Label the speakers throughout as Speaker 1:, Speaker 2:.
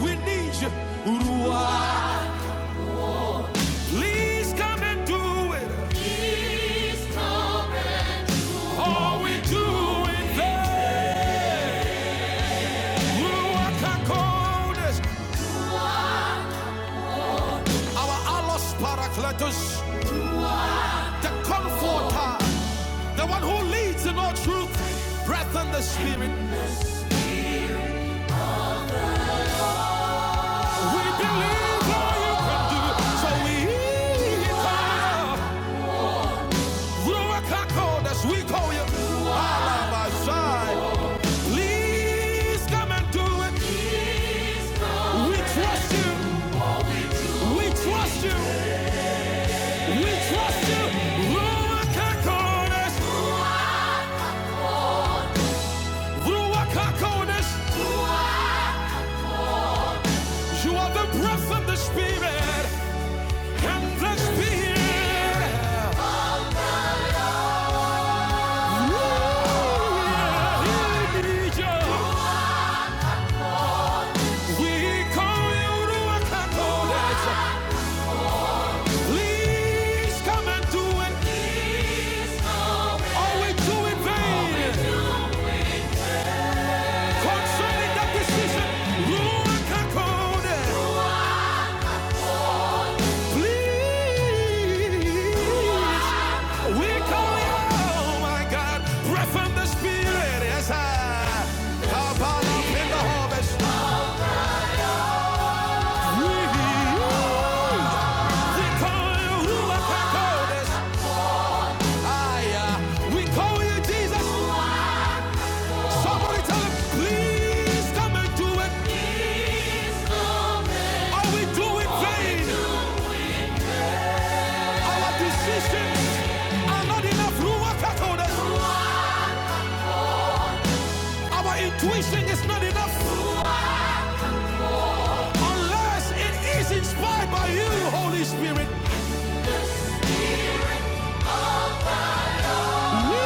Speaker 1: we need you. please come and do it. All we do is that. Ruach HaKodesh, our Allos Parakletos, the Comforter, the one who leads in all truth, breath and the Spirit. We believe all you can do, so we. come. Rurakako, we call you. Allah my side. Please come and do it. We trust you. We trust you. We trust you. Ruakakones. Ruakakones. You are the breath of the spirit. And the spirit. yeah, we need you. We call you Ruakakones. Please come and do it. Or we do in vain. Concerning that decision, rule and concord. Please. We call you, oh my God, breath from the Spirit. Yes, I. How about up in the harvest? We. We call you Ruach HaKodesh. We call you Jesus. Somebody tell him, please come and do it. Are we doing vain? Our decisions are not enough. our intuition is not enough unless it is inspired by you, Holy Spirit. We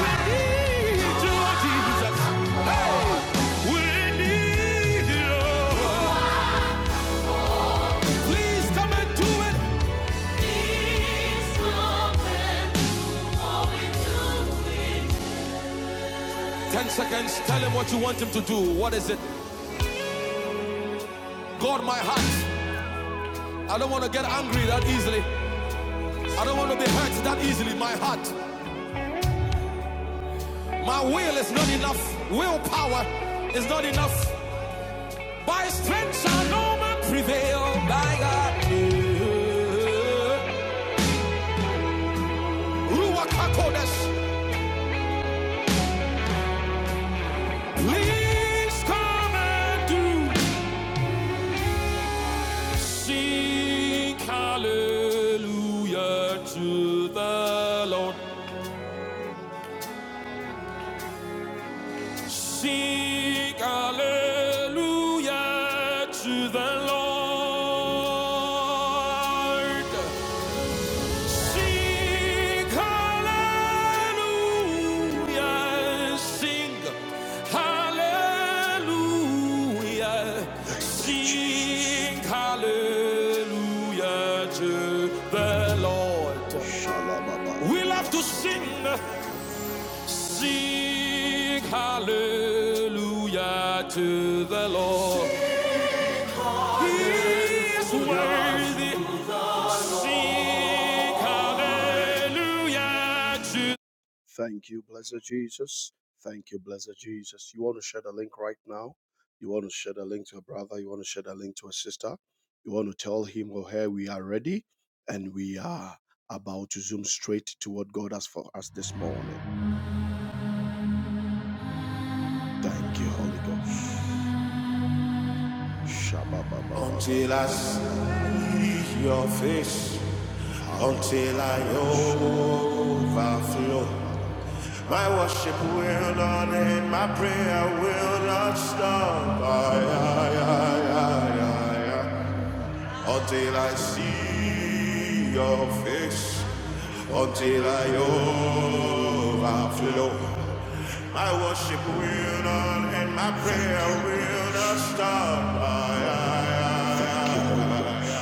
Speaker 1: we need you, Jesus. Hey, we need you. Please come and do it. Ten seconds. Tell him what you want him to do. What is it? God, my heart. I don't want to get angry that easily. I don't want to be hurt that easily. My heart, my will is not enough. Willpower is not enough. By strength shall no man prevail. By God. Ruakakodes. Please come and do. Sing hallelujah to the Lord. Sing hallelujah to the Lord. Sing hallelujah, sing hallelujah, sing hallelujah to the Lord. We love to sing, sing hallelujah to the Lord. He is worthy, sing hallelujah to Thank you, blessed Jesus. Thank you, blessed Jesus. You want to share the link right now? You want to share the link to a brother? You want to share the link to a sister? You want to tell him or her we are ready and we are about to zoom straight to what God has for us this morning. Thank you, Holy Ghost. shabba ba ba ba Until I see your face, until I overflow. My worship will not end, my prayer will not stop. I, I, I, I, I, until I see your face, until I overflow. My worship will not end, my prayer will not stop. I, I, I, I,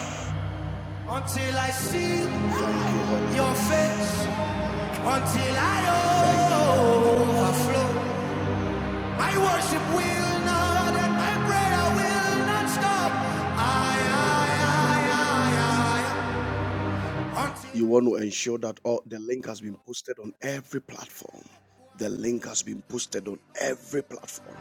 Speaker 1: I, overflow. not end, my prayer will not stop. I, I, I, I, I. You want to ensure that all the link has been posted on every platform. The link has been posted on every platform.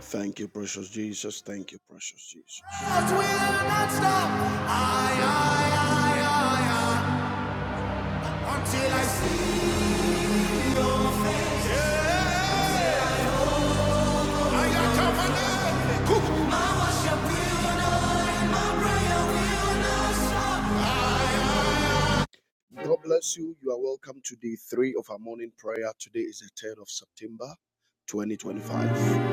Speaker 1: Thank you, precious Jesus. Thank you, precious Jesus. God bless you. You are welcome to day three of our morning prayer. Today is the 3rd of September, 2025.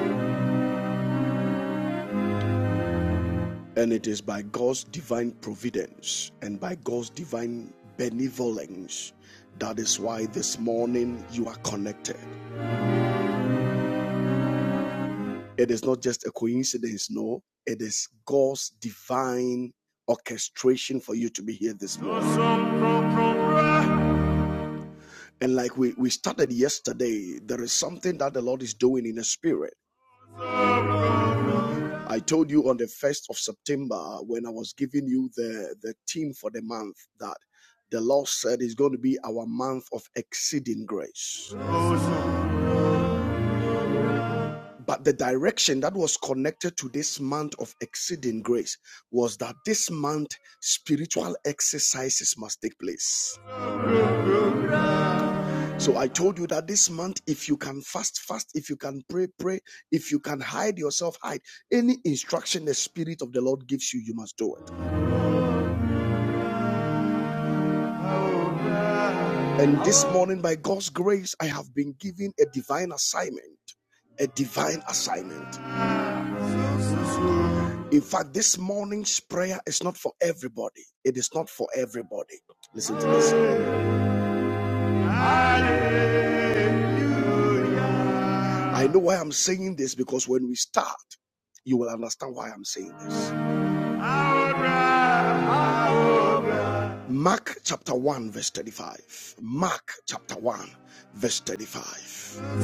Speaker 1: And it is by God's divine providence and by God's divine benevolence. That is why this morning you are connected. It is not just a coincidence, no. It is God's divine orchestration for you to be here this morning. And like we, we started yesterday, there is something that the Lord is doing in the spirit. I told you on the 1st of September when I was giving you the, the theme for the month that the Lord said is going to be our month of exceeding grace. But the direction that was connected to this month of exceeding grace was that this month spiritual exercises must take place. So I told you that this month, if you can fast, fast, if you can pray, pray, if you can hide yourself, hide. Any instruction the Spirit of the Lord gives you, you must do it. And this morning, by God's grace, I have been given a divine assignment. A divine assignment. In fact, this morning's prayer is not for everybody. It is not for everybody. Listen to this. I know why I'm saying this because when we start, you will understand why I'm saying this. Mark chapter 1, verse 35. Mark chapter 1, verse 35.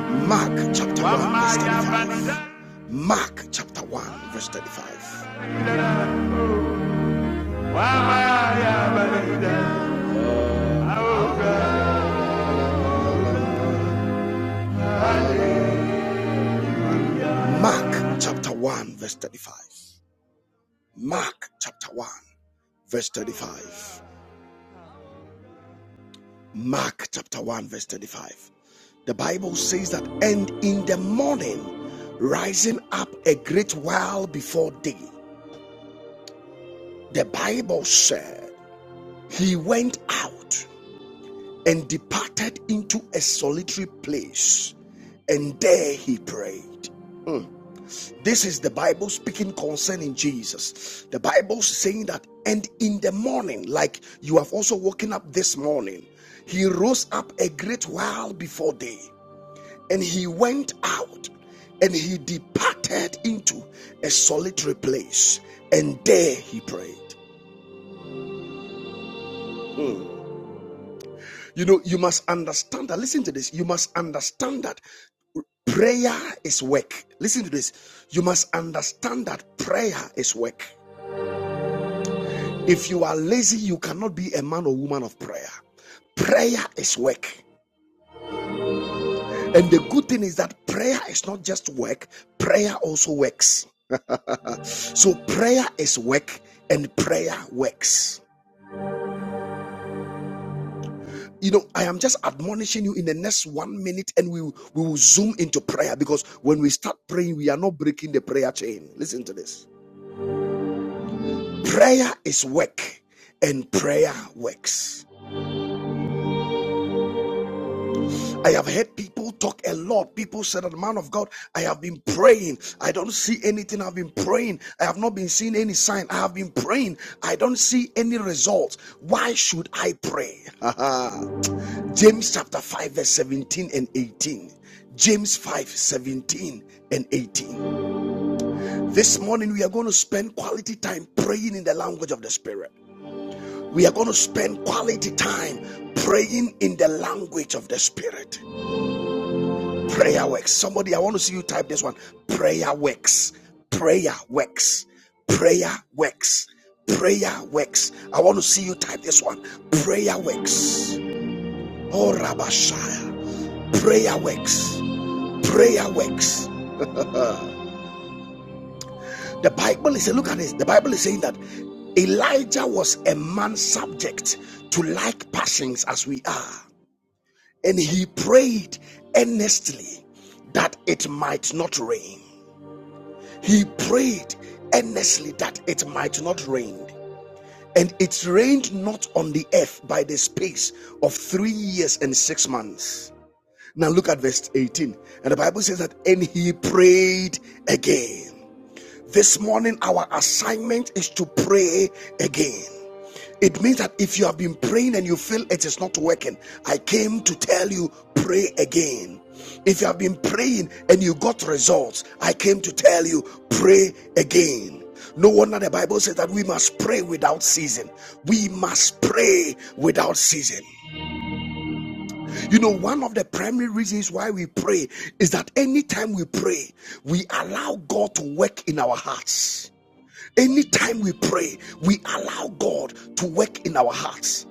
Speaker 1: Mark chapter 1, verse 35. Mark chapter 1, verse 35. Mark chapter 1, verse 35. Mark chapter 1, verse 35. Mark chapter 1, verse 35. The Bible says that, and in the morning, rising up a great while before day, the Bible said, he went out and departed into a solitary place, and there he prayed. This is the Bible speaking concerning Jesus. The Bible saying that, and in the morning, like you have also woken up this morning, he rose up a great while before day And he went out and he departed into a solitary place. And there he prayed. Mm. You know, you must understand that. Listen to this. You must understand that prayer is work. Listen to this. You must understand that prayer is work. If you are lazy, you cannot be a man or woman of prayer. Prayer is work. And the good thing is that prayer is not just work, prayer also works. So prayer is work and prayer works. You know, I am just admonishing you in the next one minute and we, we will zoom into prayer because when we start praying, we are not breaking the prayer chain. Listen to this prayer is work and prayer works. I have heard people talk a lot. People said, that, Man of God, I have been praying. I don't see anything. I've been praying. I have not been seeing any sign. I have been praying. I don't see any results. Why should I pray? James chapter 5, verse 17 and 18. James 5, 17 and 18. This morning, we are going to spend quality time praying in the language of the Spirit. We are going to spend quality time praying in the language of the Spirit. Prayer works. Somebody, I want to see you type this one. Prayer works. Prayer works. Prayer works. Prayer works. I want to see you type this one. Prayer works. Oh, Rabashaya. Prayer works. Prayer works. The Bible is saying. look at this. The Bible is saying that Elijah was a man subject to like passions as we are, and he prayed earnestly that it might not rain. He prayed earnestly that it might not rain. And it rained not on the earth by the space of three years and six months. Now look at verse 18. And the Bible says that, and he prayed again. This morning, our assignment is to pray again. It means that if you have been praying and you feel it is not working, I came to tell you pray again. If you have been praying and you got results, I came to tell you pray again. No wonder the Bible says that we must pray without season. We must pray without season. You know, one of the primary reasons why we pray is that anytime we pray, we allow God to work in our hearts. Anytime we pray, we allow God to work in our hearts.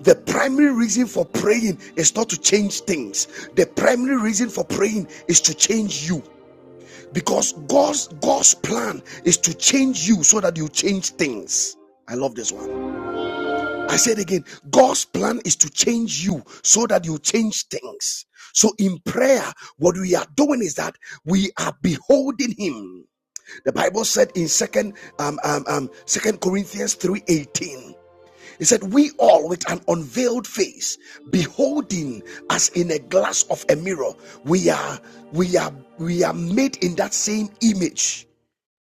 Speaker 1: The primary reason for praying is not to change things. The primary reason for praying is to change you. Because God's God's plan is to change you so that you change things. I love this one. I said again, God's plan is to change you so that you change things. So in prayer, what we are doing is that we are beholding him. The Bible said in second um, um, um, second Corinthians 3:18, it said, We all with an unveiled face, beholding as in a glass of a mirror, we are we are we are made in that same image.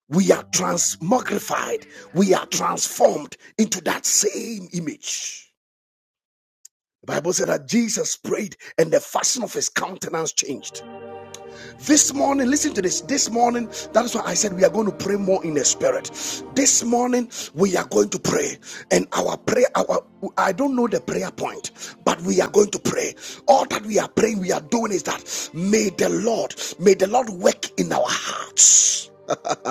Speaker 1: We are transmogrified, we are transformed into that same image. The Bible said that Jesus prayed and the fashion of his countenance changed. This morning, listen to this. This morning, that is why I said we are going to pray more in the spirit. This morning, we are going to pray. And our prayer, our I don't know the prayer point, but we are going to pray. All that we are praying, we are doing is that may the Lord, may the Lord work in our hearts.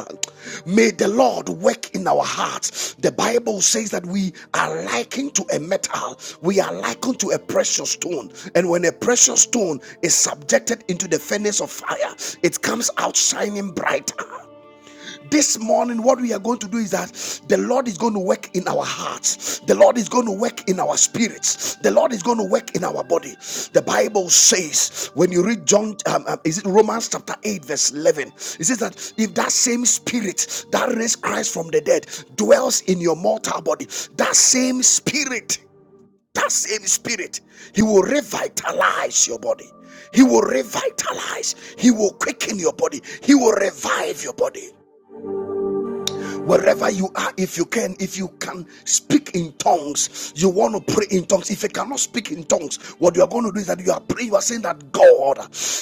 Speaker 1: May the Lord work in our hearts. The Bible says that we are likened to a metal, we are likened to a precious stone. And when a precious stone is subjected into the furnace of fire, it comes out shining brighter. This morning, what we are going to do is that the Lord is going to work in our hearts, the Lord is going to work in our spirits, the Lord is going to work in our body. The Bible says, when you read John, um, um, is it Romans chapter 8, verse 11, it says that if that same spirit that raised Christ from the dead dwells in your mortal body, that same spirit, that same spirit, he will revitalize your body. He will revitalize. He will quicken your body. He will revive your body. Wherever you are, if you can, if you can speak in tongues, you want to pray in tongues. If you cannot speak in tongues, what you are going to do is that you are praying, you are saying that God,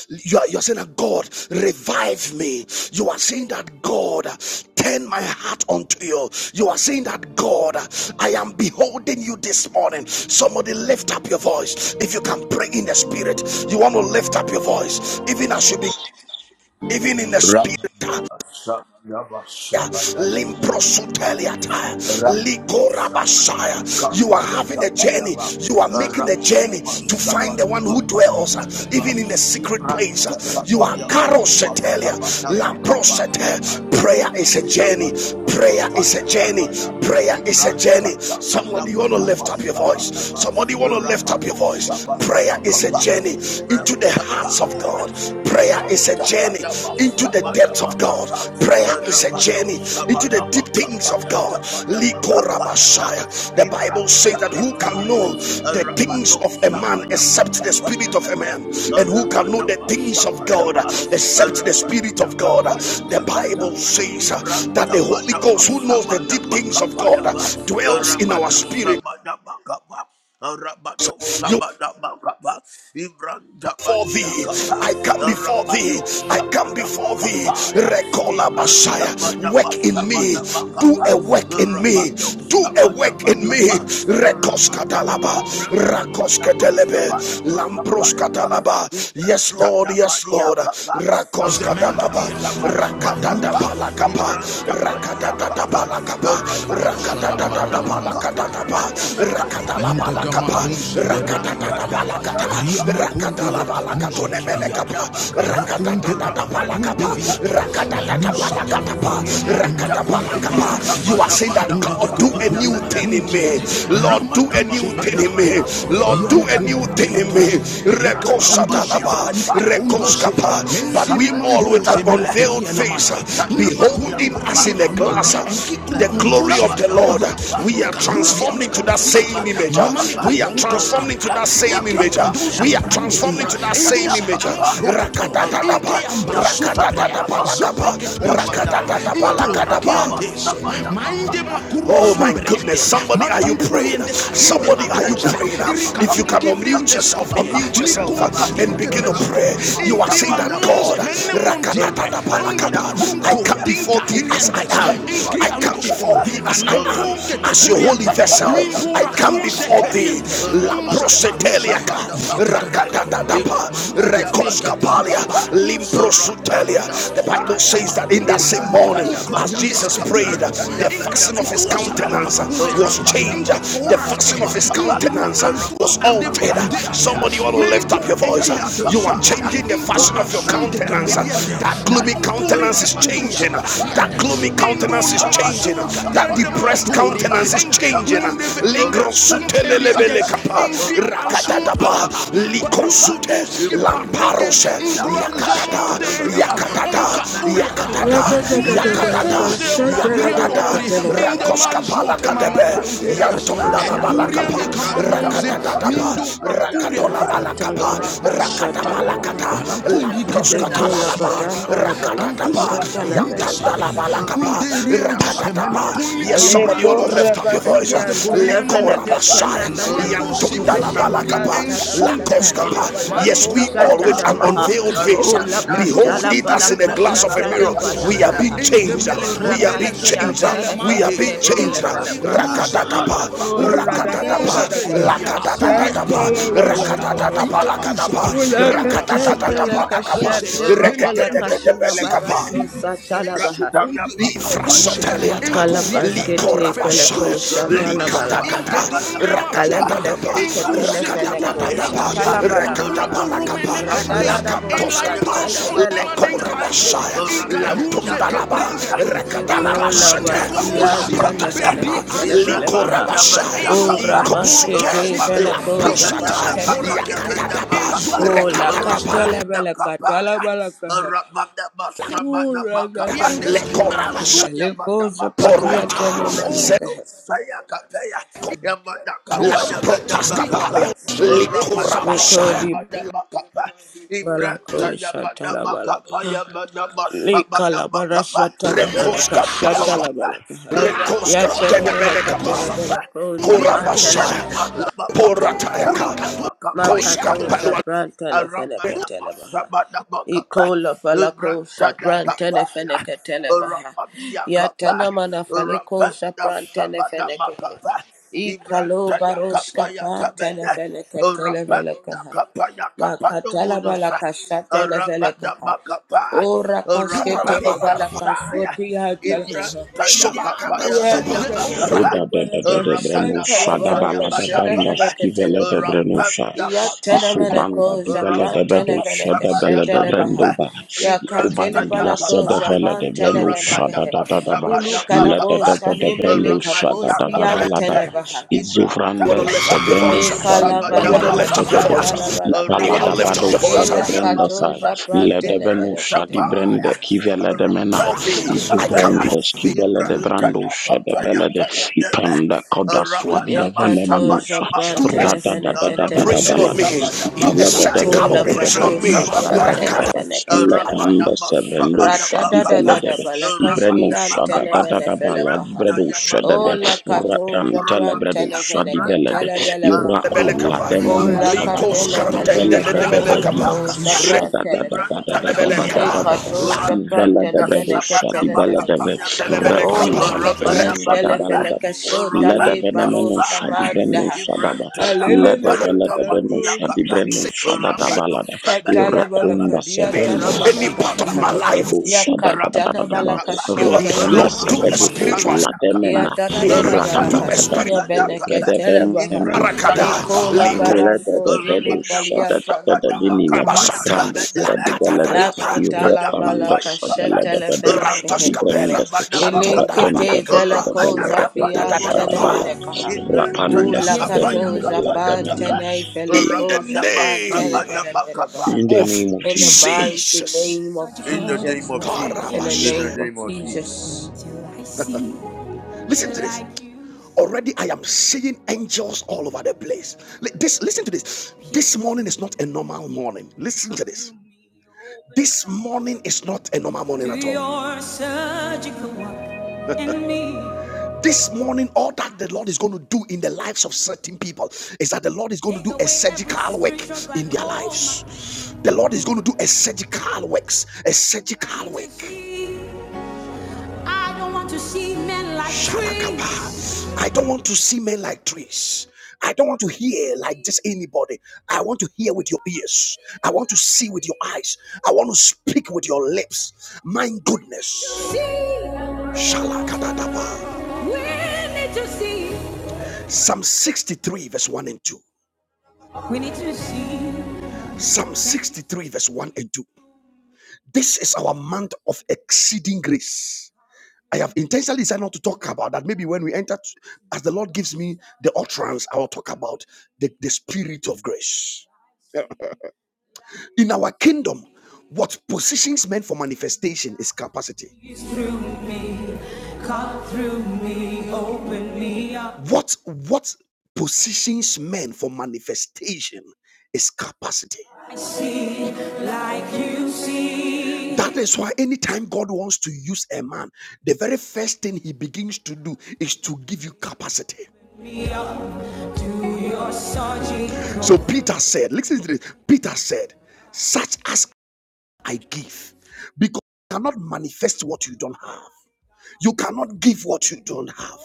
Speaker 1: you are, you are saying that God, revive me. You are saying that God, turn my heart unto you. You are saying that God, I am beholding you this morning. Somebody lift up your voice. If you can pray in the spirit, you want to lift up your voice, even as you be, even in the
Speaker 2: Rabba
Speaker 1: spirit.
Speaker 2: Shabba Dabba Shabba Dabba
Speaker 1: Limprosuteliata,
Speaker 2: Rabba Shabba Dabba
Speaker 1: Likorabashaya. You
Speaker 2: Kappa
Speaker 1: are
Speaker 2: Ya
Speaker 1: having a
Speaker 2: Dabba
Speaker 1: journey.
Speaker 2: Dabba
Speaker 1: You are making a
Speaker 2: Rabba
Speaker 1: journey
Speaker 2: Dabba
Speaker 1: to
Speaker 2: Shabba
Speaker 1: find the one
Speaker 2: Dabba
Speaker 1: who
Speaker 2: Kappa
Speaker 1: dwells uh,
Speaker 2: Ya Dabba
Speaker 1: even in the secret
Speaker 2: Ibrahim
Speaker 1: place. uh. You
Speaker 2: Dabba
Speaker 1: are
Speaker 2: Ya Dabba
Speaker 1: Karosetelia,
Speaker 2: Shabba Dabba Kappa
Speaker 1: Laprosete.
Speaker 2: Rabba
Speaker 1: Prayer is a
Speaker 2: Shabba
Speaker 1: journey.
Speaker 2: Dabba
Speaker 1: Prayer
Speaker 2: Kappa
Speaker 1: is
Speaker 2: Ya
Speaker 1: a journey.
Speaker 2: Dabba Dabba
Speaker 1: Prayer is a
Speaker 2: Ibrahim
Speaker 1: journey.
Speaker 2: Dabba
Speaker 1: Somebody
Speaker 2: Dabba
Speaker 1: want to
Speaker 2: Dabba
Speaker 1: lift up your
Speaker 2: Shabba
Speaker 1: voice.
Speaker 2: Dabba
Speaker 1: Somebody want to lift
Speaker 2: Rabba
Speaker 1: up your voice.
Speaker 2: Shabba Dabba
Speaker 1: Prayer is a
Speaker 2: Kappa
Speaker 1: journey
Speaker 2: Ibrahim
Speaker 1: into the heart
Speaker 2: Dabba
Speaker 1: Hearts of God. Prayer
Speaker 2: Ibrahim
Speaker 1: is a
Speaker 2: Dabba
Speaker 1: journey
Speaker 2: Dabba
Speaker 1: into the
Speaker 2: Shabba
Speaker 1: depths
Speaker 2: Dabba
Speaker 1: of God.
Speaker 2: Kappa
Speaker 1: Prayer is a
Speaker 2: Rabado
Speaker 1: journey into the
Speaker 2: Sabada
Speaker 1: deep things of
Speaker 2: Makapaya
Speaker 1: God.
Speaker 2: Tabada Makapaya Ta
Speaker 1: Likorabashaya. The Bible
Speaker 2: Ibrahim
Speaker 1: says that who can
Speaker 2: Takapaya
Speaker 1: know the things
Speaker 2: Rabado
Speaker 1: of a man
Speaker 2: Sabada
Speaker 1: except the
Speaker 2: Makapaya
Speaker 1: spirit of a
Speaker 2: Bada
Speaker 1: man? And who can know
Speaker 2: Ramana
Speaker 1: the things of
Speaker 2: Masabada
Speaker 1: God
Speaker 2: Ma
Speaker 1: except the spirit
Speaker 2: Rabania
Speaker 1: of God?
Speaker 2: Kapaya
Speaker 1: The
Speaker 2: Tabata
Speaker 1: Bible says uh,
Speaker 2: Ibrahim
Speaker 1: that the Holy
Speaker 2: Tabada
Speaker 1: Ghost, who knows the
Speaker 2: Masabada
Speaker 1: deep things of God,
Speaker 2: Makapaya
Speaker 1: uh,
Speaker 2: Ba
Speaker 1: dwells in our
Speaker 2: Ramana
Speaker 1: spirit.
Speaker 2: Sabada Makapa Rabado
Speaker 1: You
Speaker 2: Sabada Bakapa, Ibran
Speaker 1: before
Speaker 2: Tabadia
Speaker 1: thee.
Speaker 2: Kapa,
Speaker 1: I come before thee.
Speaker 2: Rabado
Speaker 1: I come
Speaker 2: Sabada
Speaker 1: before thee.
Speaker 2: Bakapaya,
Speaker 1: Recola
Speaker 2: Ibran
Speaker 1: Messiah.
Speaker 2: Tabada
Speaker 1: Work in me.
Speaker 2: Basabada
Speaker 1: Do a
Speaker 2: Bakapa,
Speaker 1: work in me.
Speaker 2: Rabado
Speaker 1: Do a
Speaker 2: Sabada
Speaker 1: work in me.
Speaker 2: Bakapa,
Speaker 1: Rekos
Speaker 2: Rabasia
Speaker 1: katalaba.
Speaker 2: Kabran
Speaker 1: Rakos
Speaker 2: Tabada
Speaker 1: katalebe.
Speaker 2: Basabada
Speaker 1: Lampros
Speaker 2: Bakapaya,
Speaker 1: katalaba.
Speaker 2: Ibran
Speaker 1: Yes, Lord. Yes,
Speaker 2: Tadamania
Speaker 1: Lord.
Speaker 2: kapa,
Speaker 1: Rakos
Speaker 2: Ramana
Speaker 1: katalaba.
Speaker 2: Samana
Speaker 1: Rakatanda
Speaker 2: Makapa,
Speaker 1: palakapa.
Speaker 2: Ibran Tamania
Speaker 1: Rakatanda
Speaker 2: kapa,
Speaker 1: Palakapa balakapa
Speaker 2: Ramano
Speaker 1: rakadadadada
Speaker 2: Samana Makapa,
Speaker 1: balakadadaba
Speaker 2: Yamena Makani
Speaker 1: rakadala
Speaker 2: Mena
Speaker 1: balakapa
Speaker 2: Makapa, Ibran
Speaker 1: rakadadada
Speaker 2: Tayamana
Speaker 1: balakata
Speaker 2: Makapa,
Speaker 1: rakadala
Speaker 2: Ramano Samana
Speaker 1: balakatonemenekapa
Speaker 2: Makapa,
Speaker 1: rakadadadada balakapa
Speaker 2: Rapanda
Speaker 1: rakadadada
Speaker 2: Katayamania kapa,
Speaker 1: balakatapa
Speaker 2: Ibran Tamana
Speaker 1: rakadabalakapa you are
Speaker 2: Samana
Speaker 1: saying that God do a new
Speaker 2: Makapa,
Speaker 1: thing in me Lord do a new thing
Speaker 2: Rabadabasada,
Speaker 1: in me Lord do a new
Speaker 2: Rabadia
Speaker 1: thing in me
Speaker 2: Papa, Ibram
Speaker 1: Reko
Speaker 2: Tabania
Speaker 1: Rekoshatalaba,
Speaker 2: Papa,
Speaker 1: Rekoskapa.
Speaker 2: Rabado
Speaker 1: But we
Speaker 2: Sabada
Speaker 1: all with an
Speaker 2: Papa,
Speaker 1: unveiled face,
Speaker 2: Ibram
Speaker 1: behold
Speaker 2: Tayabadia
Speaker 1: him as
Speaker 2: Papa,
Speaker 1: in a glass, the
Speaker 2: Rabadimeda
Speaker 1: glory of the
Speaker 2: Sabada
Speaker 1: Lord.
Speaker 2: Papa,
Speaker 1: We are transformed into
Speaker 2: Rabado
Speaker 1: that same
Speaker 2: Sabada
Speaker 1: image.
Speaker 2: Papa,
Speaker 1: We are transformed into that
Speaker 2: Rabada
Speaker 1: same image.
Speaker 2: Papa,
Speaker 1: We are transformed into
Speaker 2: Ibram
Speaker 1: that same image.
Speaker 2: Tayakapaya,
Speaker 1: Rakatatataba,
Speaker 2: Rapenda sabada
Speaker 1: rakatatataba, lakaba,
Speaker 2: makapaya tabada.
Speaker 1: rakatatataba,
Speaker 2: Ramada
Speaker 1: lakadaba.
Speaker 2: masabada makapa.
Speaker 1: Oh my
Speaker 2: Ramada
Speaker 1: goodness. Somebody, are you
Speaker 2: makapaya be.
Speaker 1: praying? Somebody, are you
Speaker 2: Ibrahima
Speaker 1: praying?
Speaker 2: mada
Speaker 1: If you can
Speaker 2: makapaya
Speaker 1: unmute
Speaker 2: tabada
Speaker 1: yourself, unmute
Speaker 2: makapaya
Speaker 1: yourself
Speaker 2: taba.
Speaker 1: and begin to pray.
Speaker 2: Ramada
Speaker 1: You are saying that
Speaker 2: masabada
Speaker 1: God,
Speaker 2: makapa. Rapenda
Speaker 1: I come
Speaker 2: kapaya.
Speaker 1: before thee as I
Speaker 2: Ibrahima
Speaker 1: am. I
Speaker 2: madia
Speaker 1: come before
Speaker 2: kapa.
Speaker 1: thee as I am.
Speaker 2: Ramadi
Speaker 1: As your
Speaker 2: meda
Speaker 1: holy vessel,
Speaker 2: kapaya
Speaker 1: I
Speaker 2: tabada
Speaker 1: come before
Speaker 2: makapa.
Speaker 1: thee. La
Speaker 2: Ramada
Speaker 1: proseteliaka,
Speaker 2: masabada makapa.
Speaker 1: Rakatatatapa, Rekoskapalia,
Speaker 2: Ibratayabadamakapa,
Speaker 1: Limprosutelia, the Bible
Speaker 2: Rabandasaya,
Speaker 1: says that in that same morning, as Jesus prayed, the fashion of his
Speaker 2: Ibratayabadamakabrantayamadabakapa,
Speaker 1: countenance was changed. The fashion of his
Speaker 2: Rabandabasabadabakapa,
Speaker 1: countenance was altered.
Speaker 2: Rabandabakapayata,
Speaker 1: Somebody want to lift up your voice. You are
Speaker 2: Ibratayakapaya,
Speaker 1: changing the fashion of your countenance. That
Speaker 2: Rabandakapayabada,
Speaker 1: gloomy countenance is changing.
Speaker 2: Rabandiyakapa, Imanasabadamakapayabadabakapayataba, Kapa.
Speaker 1: That gloomy
Speaker 2: Imana
Speaker 1: countenance is
Speaker 2: Sabada
Speaker 1: changing. That
Speaker 2: Makapaya,
Speaker 1: depressed countenance is
Speaker 2: Madabakapaya
Speaker 1: changing.
Speaker 2: Taba,
Speaker 1: Lingro
Speaker 2: Urapamda
Speaker 1: sutelelebele
Speaker 2: Kapa,
Speaker 1: kapa
Speaker 2: Ibrahim
Speaker 1: rakadadaba likosute lamparose
Speaker 3: Talabalaka
Speaker 1: yakatata
Speaker 3: shatalabalaka.
Speaker 1: yakatata yakatata
Speaker 3: Balaka
Speaker 1: yakatata
Speaker 3: tatatabalaka
Speaker 1: yakatata
Speaker 3: shatalabalaka talabaha.
Speaker 1: rakoskapala kadebe
Speaker 3: Lekato
Speaker 1: yantondala balakapa
Speaker 3: sabalaka shatalabalaka.
Speaker 1: rakatatatapa rakadola
Speaker 3: Laka
Speaker 1: balakapa
Speaker 3: talabalaka
Speaker 1: rakatabalakata
Speaker 3: shatalabalaka. Lekola
Speaker 1: lamproskatalaba
Speaker 3: badanda labalaka
Speaker 1: rakatatapa
Speaker 3: shatalabalaka.
Speaker 1: yantandala balakapa rakatatapa yes somebody want
Speaker 3: Aleko
Speaker 1: to lift up your your voice.
Speaker 3: Rabaskian Tenavana
Speaker 1: Lekora
Speaker 3: Katana
Speaker 1: Messiah.
Speaker 2: Ramano
Speaker 1: Yantunda
Speaker 3: Malakato
Speaker 1: la
Speaker 2: Samana
Speaker 3: Shapran
Speaker 1: balakapa.
Speaker 2: Makapa,
Speaker 3: Tanavana Katele
Speaker 1: Lakoskapa. Yes,
Speaker 3: Palako
Speaker 2: Rapanda
Speaker 1: we all with
Speaker 3: Satana
Speaker 1: an
Speaker 2: Kapaya,
Speaker 3: Maha
Speaker 1: unveiled face.
Speaker 3: O
Speaker 2: Ayatanda
Speaker 1: Behold
Speaker 3: Lakatala
Speaker 1: it as in a
Speaker 2: Sayamana
Speaker 1: glass of a
Speaker 3: Palakashata La
Speaker 1: mirror.
Speaker 2: Makapaya
Speaker 1: We are
Speaker 2: Mena,
Speaker 1: being
Speaker 3: Palakaha
Speaker 1: changed.
Speaker 3: O
Speaker 1: We
Speaker 2: Ibranta
Speaker 1: are being
Speaker 3: Rakaskia
Speaker 2: Yamana
Speaker 1: changed. We
Speaker 2: Makapa,
Speaker 1: are
Speaker 3: Tenafana
Speaker 1: being changed.
Speaker 3: Ketele
Speaker 2: Ramanda
Speaker 3: Balakaha
Speaker 2: Samana
Speaker 1: Rakatatapa.
Speaker 3: O
Speaker 2: Makapa,
Speaker 1: Rakatatapa.
Speaker 3: Radadada
Speaker 2: Ramania
Speaker 3: Balakasha
Speaker 2: Kapa,
Speaker 1: Lakatatapa.
Speaker 3: Tele
Speaker 2: Ramadama
Speaker 3: Balakaha
Speaker 1: Rakatatapa. Lakatapa.
Speaker 2: Samadama,
Speaker 3: Ula
Speaker 2: Ramadama
Speaker 1: Rakatatapa.
Speaker 2: Kapa,
Speaker 1: Lakapa.
Speaker 3: Katembelakasha Tele
Speaker 1: Rakatatapa.
Speaker 3: Balakashuna
Speaker 2: Ramadama
Speaker 3: Baraso Satala I
Speaker 1: Frasoteliata,
Speaker 3: kalabaskete
Speaker 1: Likorabasha,
Speaker 3: feleko shatala
Speaker 1: Likatakata,
Speaker 3: balakaha.
Speaker 1: Rakatatapa,
Speaker 3: Alemedekeshkete nefeneko
Speaker 1: Rakatatapa,
Speaker 3: shatala balakaha.
Speaker 1: Rakatapalakapa,
Speaker 3: Radadadabo
Speaker 1: Lakatoskapa,
Speaker 3: shatele felekete
Speaker 1: Lekorabasha,
Speaker 3: nemeneke.
Speaker 1: Lantondalaba,
Speaker 3: Inkola
Speaker 1: Rakatalabashate,
Speaker 3: baskian
Speaker 1: Laprotaskapa,
Speaker 3: tenefeneketele felekaha.
Speaker 1: Likorabasha,
Speaker 3: O
Speaker 1: Ikosute,
Speaker 3: ramaskete veleko japan
Speaker 1: Lamprosata,
Speaker 3: tenefenekaha.
Speaker 1: Yakatatapa,
Speaker 3: O
Speaker 1: Rekatatapalaka,
Speaker 3: lakatele velekatala
Speaker 2: Ibrahim
Speaker 3: balakaha. O
Speaker 2: Rabadabasamadabakapa,
Speaker 3: radadadabo
Speaker 1: Lekorabasha,
Speaker 3: lakaha. Leko
Speaker 2: Ibrakdayamadabakapa,
Speaker 3: zapatia
Speaker 1: Porwata,
Speaker 3: tenemenekaha.
Speaker 2: Rabadosayakapaya, Yamadakapa,
Speaker 1: Lasprotas
Speaker 2: Yamadabakapa,
Speaker 1: Kapalia, Likurabashaya,
Speaker 3: Lekodi
Speaker 2: Rabadabasamadabakapa,
Speaker 3: balako shatala
Speaker 2: Ibrakdayamadabakapa,
Speaker 3: balaka. Likala bara
Speaker 2: Yamadabasamadabakapa,
Speaker 3: shatala balaka
Speaker 1: Rekoska Palawat,
Speaker 3: shatala
Speaker 2: Rabadiakapa,
Speaker 3: balaka. Ya
Speaker 1: Rekoska
Speaker 2: Ramado
Speaker 3: tene mene
Speaker 2: Sabada
Speaker 1: Tenemenekapa,
Speaker 3: ketele bele
Speaker 2: Bakapa,
Speaker 3: koza
Speaker 2: Ibrata
Speaker 1: Kurabashaya,
Speaker 2: Yabada Bakapa, Yatabada
Speaker 1: Poratayaka,
Speaker 2: Bakapa,
Speaker 1: Koska
Speaker 3: Makato
Speaker 2: Yatabada,
Speaker 1: Palawat,
Speaker 3: Shabrantana
Speaker 2: Aramana
Speaker 3: Fenekatelabaha.
Speaker 2: Masabada Bakapa,
Speaker 3: Ikola palako
Speaker 2: Ibrata
Speaker 3: shaprantene
Speaker 2: Yakapaya,
Speaker 3: feneke telebaha.
Speaker 2: Ramadia
Speaker 3: Yatana
Speaker 2: Kapa,
Speaker 3: mana faliko
Speaker 2: Rapanda
Speaker 3: shaprantene
Speaker 2: Sabada
Speaker 3: feneke.
Speaker 2: Bakapa,
Speaker 3: Ikalo
Speaker 2: Ibrata Yakapa,
Speaker 3: baroska pantene
Speaker 2: Yatabada,
Speaker 3: feneke
Speaker 2: Rapanda
Speaker 3: televelekaha.
Speaker 2: Kapa, Yakapa,
Speaker 3: Makatala
Speaker 2: Tumunusa,
Speaker 3: balaka shatele
Speaker 2: Ramada
Speaker 3: velekaha.
Speaker 2: Bakapa,
Speaker 3: Ora kaske
Speaker 2: Rapanda
Speaker 3: telebalaka
Speaker 2: Saya.
Speaker 3: soti yatalabaha
Speaker 2: Ibrataya kapaya
Speaker 3: la la la
Speaker 1: Sobakadadadaba. Right,
Speaker 4: Soda
Speaker 2: medabakapa.
Speaker 4: de
Speaker 3: baha
Speaker 4: de
Speaker 3: baha
Speaker 4: de de
Speaker 2: Urabada
Speaker 4: brenusha da
Speaker 2: masaya
Speaker 4: bala da banda
Speaker 2: badakapa.
Speaker 4: skivele de brenusha
Speaker 2: Urabada
Speaker 3: ya ya
Speaker 4: isu
Speaker 3: Japan
Speaker 2: kapaya.
Speaker 4: branda di bele de
Speaker 3: Japan
Speaker 2: Urabada
Speaker 3: veneke
Speaker 4: brenusha
Speaker 3: veneke
Speaker 4: de bele
Speaker 2: masabada
Speaker 3: shata
Speaker 4: de
Speaker 3: la baha.
Speaker 2: bakapa.
Speaker 4: brenduba
Speaker 3: Ya katele
Speaker 4: kubandi
Speaker 2: Ibrataya
Speaker 4: yasa
Speaker 3: balako
Speaker 4: de
Speaker 2: kapa.
Speaker 4: bele de
Speaker 3: japan tana
Speaker 4: brenusha
Speaker 3: veneke
Speaker 4: da
Speaker 2: Urabada
Speaker 3: he
Speaker 4: da da da ba
Speaker 3: Ulu
Speaker 2: masabada
Speaker 4: la da
Speaker 3: kalabo
Speaker 4: da
Speaker 2: bakapa.
Speaker 4: da de
Speaker 3: shani mele
Speaker 4: brenusha da
Speaker 2: Uramadia
Speaker 4: da da ba la da
Speaker 2: kabrente.
Speaker 4: ba isu
Speaker 1: you
Speaker 2: Ibrata
Speaker 1: want
Speaker 4: branda
Speaker 1: to lift
Speaker 4: se
Speaker 1: up
Speaker 2: kapaya
Speaker 1: your
Speaker 2: mundu
Speaker 4: brenusha
Speaker 1: voice.
Speaker 4: li
Speaker 1: You
Speaker 2: sabada
Speaker 1: want
Speaker 4: brenda
Speaker 1: to
Speaker 4: da
Speaker 1: lift
Speaker 4: da
Speaker 1: up your
Speaker 4: da da
Speaker 2: bakapaya.
Speaker 4: da
Speaker 1: voice.
Speaker 3: Yakatele
Speaker 1: You
Speaker 4: ibala
Speaker 1: want to
Speaker 4: da
Speaker 2: Urabada
Speaker 4: ba
Speaker 1: lift up your
Speaker 4: dosha de
Speaker 3: Ela
Speaker 1: voice.
Speaker 2: masabada
Speaker 4: brenda
Speaker 3: kato
Speaker 4: sai
Speaker 2: bakapa.
Speaker 3: japran
Speaker 4: la de brenusha
Speaker 3: televereke
Speaker 2: Ibrata
Speaker 4: di
Speaker 3: de
Speaker 4: brenda
Speaker 2: paya.
Speaker 3: balakaha.
Speaker 4: kivele de mena
Speaker 1: For thee, I can be
Speaker 4: Izuvrende
Speaker 1: for thee.
Speaker 4: skibele de brando shede bele de ipenda koda swadia
Speaker 3: Yakato
Speaker 4: venemenusha
Speaker 3: Shapran
Speaker 1: Do a
Speaker 4: rada da da
Speaker 3: Telefeneke
Speaker 4: da da da
Speaker 1: operation on
Speaker 4: balada
Speaker 1: me.
Speaker 3: Telebelekaha.
Speaker 1: Do a
Speaker 4: ipele da da da
Speaker 1: surgical
Speaker 4: da
Speaker 3: Ikula
Speaker 4: da da
Speaker 1: operation
Speaker 3: Pado
Speaker 1: on
Speaker 4: brendo
Speaker 1: me.
Speaker 4: shada
Speaker 3: Shapran
Speaker 4: da da
Speaker 1: Raka
Speaker 4: da da
Speaker 3: Telefeneke
Speaker 4: lepende
Speaker 3: Telebaha.
Speaker 4: sevendo shadi bele de
Speaker 3: Ratadadadada
Speaker 4: be ibreno
Speaker 3: Balakaski
Speaker 4: shada da da da baladi
Speaker 3: Antenemenefelecaha.
Speaker 4: bredo shede be
Speaker 3: O Lakato
Speaker 4: rapantele
Speaker 3: Shapran
Speaker 4: bredo shadi
Speaker 3: Telefeneke
Speaker 4: bele de
Speaker 3: Telebelekaha.
Speaker 4: irako la
Speaker 1: Belekapa,
Speaker 3: O
Speaker 4: demeno shada
Speaker 2: Ibrahim
Speaker 4: ba
Speaker 1: Likos Kantende
Speaker 4: vele
Speaker 3: Lakatelefeleke
Speaker 1: de
Speaker 4: veve
Speaker 1: Belekapa,
Speaker 4: veve
Speaker 3: Televeleco
Speaker 2: Rapayakapa,
Speaker 3: Shapran
Speaker 4: shada da da da
Speaker 3: Telebaha.
Speaker 4: da da da da
Speaker 2: Ibrantayakapa,
Speaker 4: da
Speaker 1: Rebelekapa,
Speaker 4: da da
Speaker 3: Lekato Shapran
Speaker 4: Ivala da
Speaker 2: Rapenda
Speaker 4: brado
Speaker 3: Televele
Speaker 2: Sabada
Speaker 4: shadi bala
Speaker 3: Ketelevele
Speaker 4: da ve
Speaker 2: Bakapaya
Speaker 3: Kaha.
Speaker 2: Meda,
Speaker 3: O
Speaker 1: Latelebelekapa,
Speaker 4: rapanta la brano
Speaker 2: Rabada
Speaker 3: Leketen
Speaker 4: shada
Speaker 2: Bakapa,
Speaker 4: bala da
Speaker 3: Delefele Kesho
Speaker 4: la da
Speaker 3: Tali
Speaker 4: ve na
Speaker 2: Rapenda
Speaker 4: meno
Speaker 3: Balos
Speaker 4: shadi
Speaker 2: Saya,
Speaker 4: breno
Speaker 3: Kamanda.
Speaker 4: shada ba la da
Speaker 2: Ibrantayakapaya
Speaker 4: bala
Speaker 3: Alelelele
Speaker 4: la da breno
Speaker 3: Balako.
Speaker 4: shadi
Speaker 2: Tapaniakapa,
Speaker 4: breno shada da
Speaker 1: Rekasebe.
Speaker 4: bala
Speaker 2: Rabado
Speaker 4: da
Speaker 3: Shatala
Speaker 2: Sabaniakapa,
Speaker 4: irakonda
Speaker 3: Balaka
Speaker 4: sebrende
Speaker 3: Diatana
Speaker 2: Rabada
Speaker 1: Any part of
Speaker 3: Manakafaha.
Speaker 1: my
Speaker 2: Bakapa.
Speaker 4: la
Speaker 1: life,
Speaker 4: brado shada da da da da
Speaker 3: Yakatana
Speaker 4: da ba
Speaker 3: Balaka
Speaker 2: Rapadiakapa,
Speaker 1: you
Speaker 4: rapanda
Speaker 1: Lord,
Speaker 3: Shatalabaha.
Speaker 1: do a
Speaker 4: sebredo
Speaker 2: Rapadapa
Speaker 4: ko
Speaker 1: spiritual
Speaker 4: la demena.
Speaker 2: Samanakapa,
Speaker 3: Ya
Speaker 4: mena
Speaker 3: da da da
Speaker 1: me,
Speaker 3: da
Speaker 4: ratanda
Speaker 1: do
Speaker 3: balaka
Speaker 2: Rapado
Speaker 1: a spiritual
Speaker 4: sebredo
Speaker 3: skunya
Speaker 4: ko
Speaker 2: Samanakapa,
Speaker 4: vrede
Speaker 3: baha.
Speaker 4: ve
Speaker 1: rakada,
Speaker 3: Iko
Speaker 2: Ibrantayakapa,
Speaker 3: la
Speaker 4: in
Speaker 1: Liko.
Speaker 3: paraso tili
Speaker 4: the
Speaker 2: Rapadapa
Speaker 3: paliata namaha.
Speaker 2: Samanakapa,
Speaker 1: Rabashata,
Speaker 2: Yatamaneme,
Speaker 3: La
Speaker 1: Lakatatapa,
Speaker 3: kratala
Speaker 2: Ibrantayakapa,
Speaker 3: balaka
Speaker 2: Yakapa,
Speaker 3: shetele
Speaker 1: Rantos
Speaker 3: felekehe.
Speaker 2: Rapado
Speaker 1: Capelia,
Speaker 2: Samanakapa,
Speaker 1: Lantonda
Speaker 3: Elekete
Speaker 1: Labalacapa,
Speaker 3: felakoza
Speaker 2: Rapadakapa,
Speaker 3: fian
Speaker 2: Numunusa,
Speaker 1: Ratatatapa.
Speaker 3: tenemenekaha.
Speaker 1: Hear
Speaker 2: Ibrantayakapa,
Speaker 1: through
Speaker 3: Ulakato
Speaker 1: me.
Speaker 2: Yakapa,
Speaker 3: Japan
Speaker 2: Yatama,
Speaker 3: tene
Speaker 1: In the
Speaker 3: feleko
Speaker 2: Rapadapa
Speaker 3: Japan
Speaker 1: name
Speaker 2: Samanakapa.
Speaker 3: tenemenekenebaha.
Speaker 1: of
Speaker 4: name of
Speaker 3: In the
Speaker 4: Jesus.
Speaker 3: mighty
Speaker 1: Jesus.
Speaker 3: name of
Speaker 2: In
Speaker 1: Surgical
Speaker 2: the name
Speaker 3: Jesus.
Speaker 2: of Jesus,
Speaker 3: In the
Speaker 2: in the
Speaker 3: name of
Speaker 2: name of Jesus.
Speaker 3: Jesus.
Speaker 1: Listen to this. Already I am seeing angels all over the place. This listen to this. This morning is not a normal morning. Listen to this. This morning is not a normal morning at all. This morning, all that the Lord is going to do in the lives of certain people is that the Lord is going to do a surgical work in their lives. The Lord is going to do a surgical works, a surgical work. I don't want to see men like trees. I don't want to see men like trees. I don't want to hear like just anybody. I want to hear with your ears. I want to see with your eyes. I want to speak with your lips. My goodness. See, we need to see. Psalm 63, verse 1 and 2. We need to see. Psalm 63, verse 1 and 2. This is our month of exceeding grace. I have intentionally decided not to talk about that. Maybe when we enter, as the Lord gives me the utterance, I will talk about the, the spirit of grace. In our kingdom, what positions men for manifestation is capacity. What what positions men for manifestation is capacity. I see like you see. That is why anytime God wants to use a man, the very first thing he begins to do is to give you capacity. So Peter said, listen to this. Peter said, such as I give, because you cannot manifest what you don't have. You cannot give what you don't have.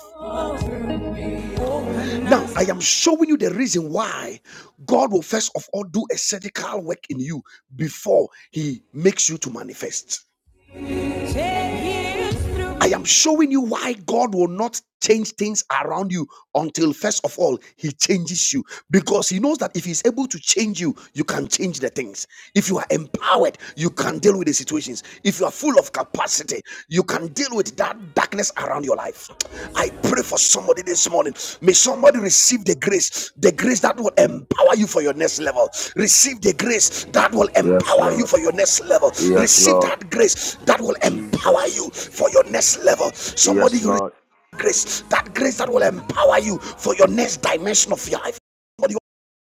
Speaker 1: Now, I am showing you the reason why God will first of all do a surgical work in you before He makes you to manifest. I am showing you why God will not change things around you until, first of all, He changes you. Because He knows that if He's able to change you, you can change the things. If you are empowered, you can deal with the situations. If you are full of capacity, you can deal with with that darkness around your life. I pray for somebody this morning. May somebody receive the grace, the grace that will empower you for your next level. Receive the grace that will
Speaker 2: Yes,
Speaker 1: empower you
Speaker 2: Lord.
Speaker 1: for your next level.
Speaker 2: Yes,
Speaker 1: Receive
Speaker 2: Lord.
Speaker 1: that grace that will empower
Speaker 2: Jesus.
Speaker 1: you for your next level. Somebody
Speaker 2: Yes,
Speaker 1: you
Speaker 2: Lord.
Speaker 1: grace, that grace that will empower you for your next dimension of your life. Somebody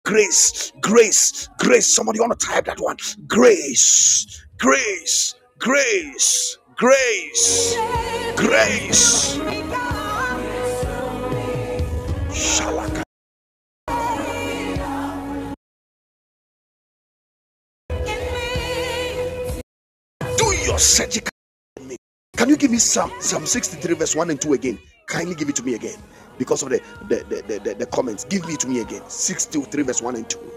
Speaker 1: grace, grace, grace. Somebody want to type that one. Grace, grace, grace, grace, grace. Shalaka. Do your surgical. Can you give me some Psalm 63 verse 1 and 2 again? Kindly give it to me again. Because of the the, the, the, the- the comments. Give me to me again. 63 verse 1 and 2.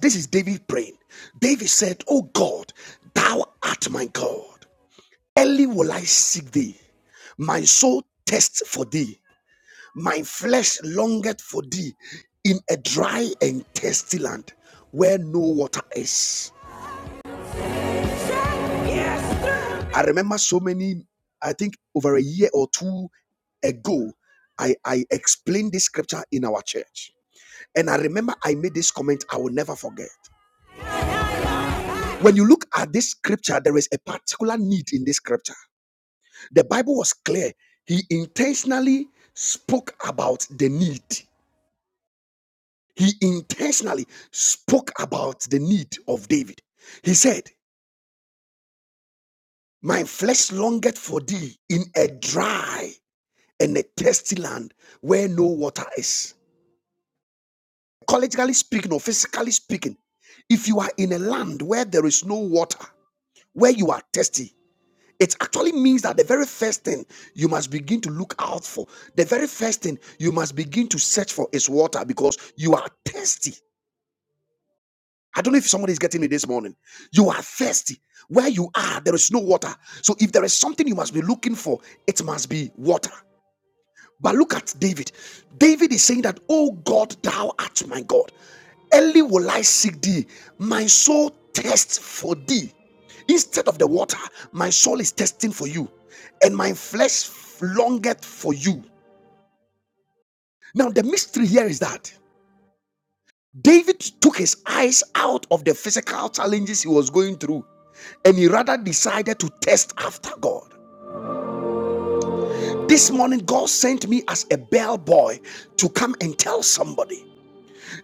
Speaker 1: This is David praying. David said, Oh God, thou art my God. Early will I seek thee. My soul thirsts for thee. My flesh longeth for thee in a dry and thirsty land where no water is. Yes. I remember so many, I think over a year or two ago, I, I explained this scripture in our church. And I remember I made this comment I will never forget. When you look at this scripture, there is a particular need in this scripture. The Bible was clear. He intentionally spoke about the need. He intentionally spoke about the need of David. He said, My flesh longeth for thee in a dry and a thirsty land where no water is. Collegially speaking or physically speaking, if you are in a land where there is no water, where you are thirsty, It actually means that the very first thing you must begin to look out for, the very first thing you must begin to search for is water because you are thirsty. I don't know if somebody is getting me this morning. You are thirsty. Where you are, there is no water. So if there is something you must be looking for, it must be water. But look at David. David is saying that, Oh God, thou art my God. Early will I seek thee. My soul thirsts for thee. Instead of the water, my soul is thirsting for you, and my flesh longeth for you. Now, the mystery here is that David took his eyes out of the physical challenges he was going through, and he rather decided to test after God. This morning, God sent me as a bellboy to come and tell somebody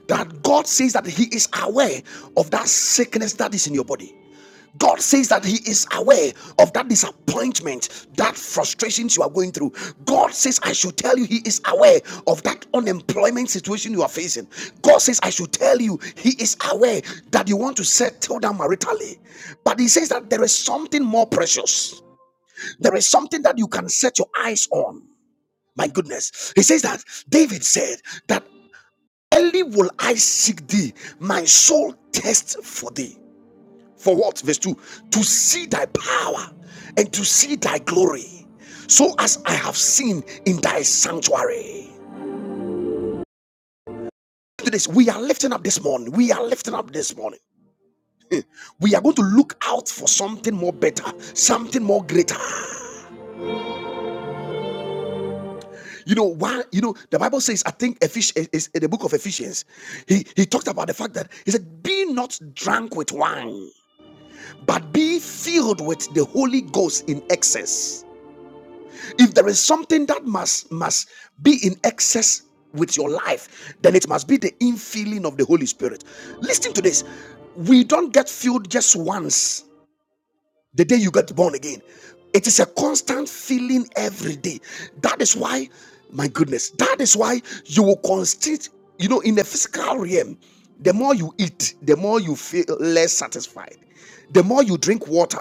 Speaker 1: that God says that He is aware of that sickness that is in your body. God says that He is aware of that disappointment, that frustrations you are going through. God says, I should tell you, He is aware of that unemployment situation you are facing. God says, I should tell you, He is aware that you want to settle down maritally. But He says that there is something more precious, there is something that you can set your eyes on. My goodness. He says that David said that Early will I seek thee. My soul thirsts for thee. For what? Verse 2 To see thy power and to see thy glory, so as I have seen in thy sanctuary. Look This, we are lifting up this morning. We are lifting up this morning. We are going to look out for something more better, something more greater. You know why? You know the Bible says. I think Ephesians is in the book of Ephesians. He he talked about the fact that he said, "Be not drunk with wine." but be filled with the holy ghost in excess if there is something that must must be in excess with your life then it must be the infilling of the holy spirit listen to this we don't get filled just once the day you get born again. It is a constant feeling every day. That is why, my goodness, that is why you will constrict, you know, in the physical realm, the more you eat, the more you feel less satisfied. The more you drink water,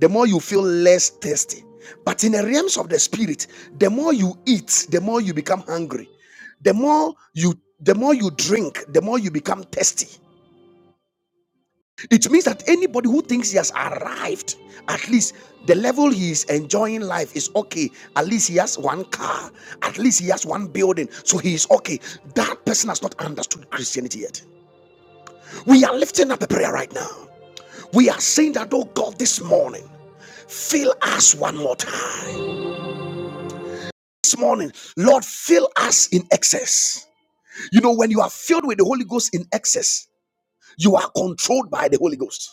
Speaker 1: the more you feel less thirsty. But in the realms of the spirit, the more you eat, the more you become hungry. The more you the more you drink, the more you become thirsty it means that anybody who thinks he has arrived, at least the level he is enjoying life is okay. At least he has one car, at least he has one building, so he is okay. That person has not understood Christianity yet. We are lifting up a prayer right now. We are saying that, oh God, this morning, fill us one more time. This morning, Lord, fill us in excess. You know, when you are filled with the Holy Ghost in excess, you are controlled by the Holy Ghost.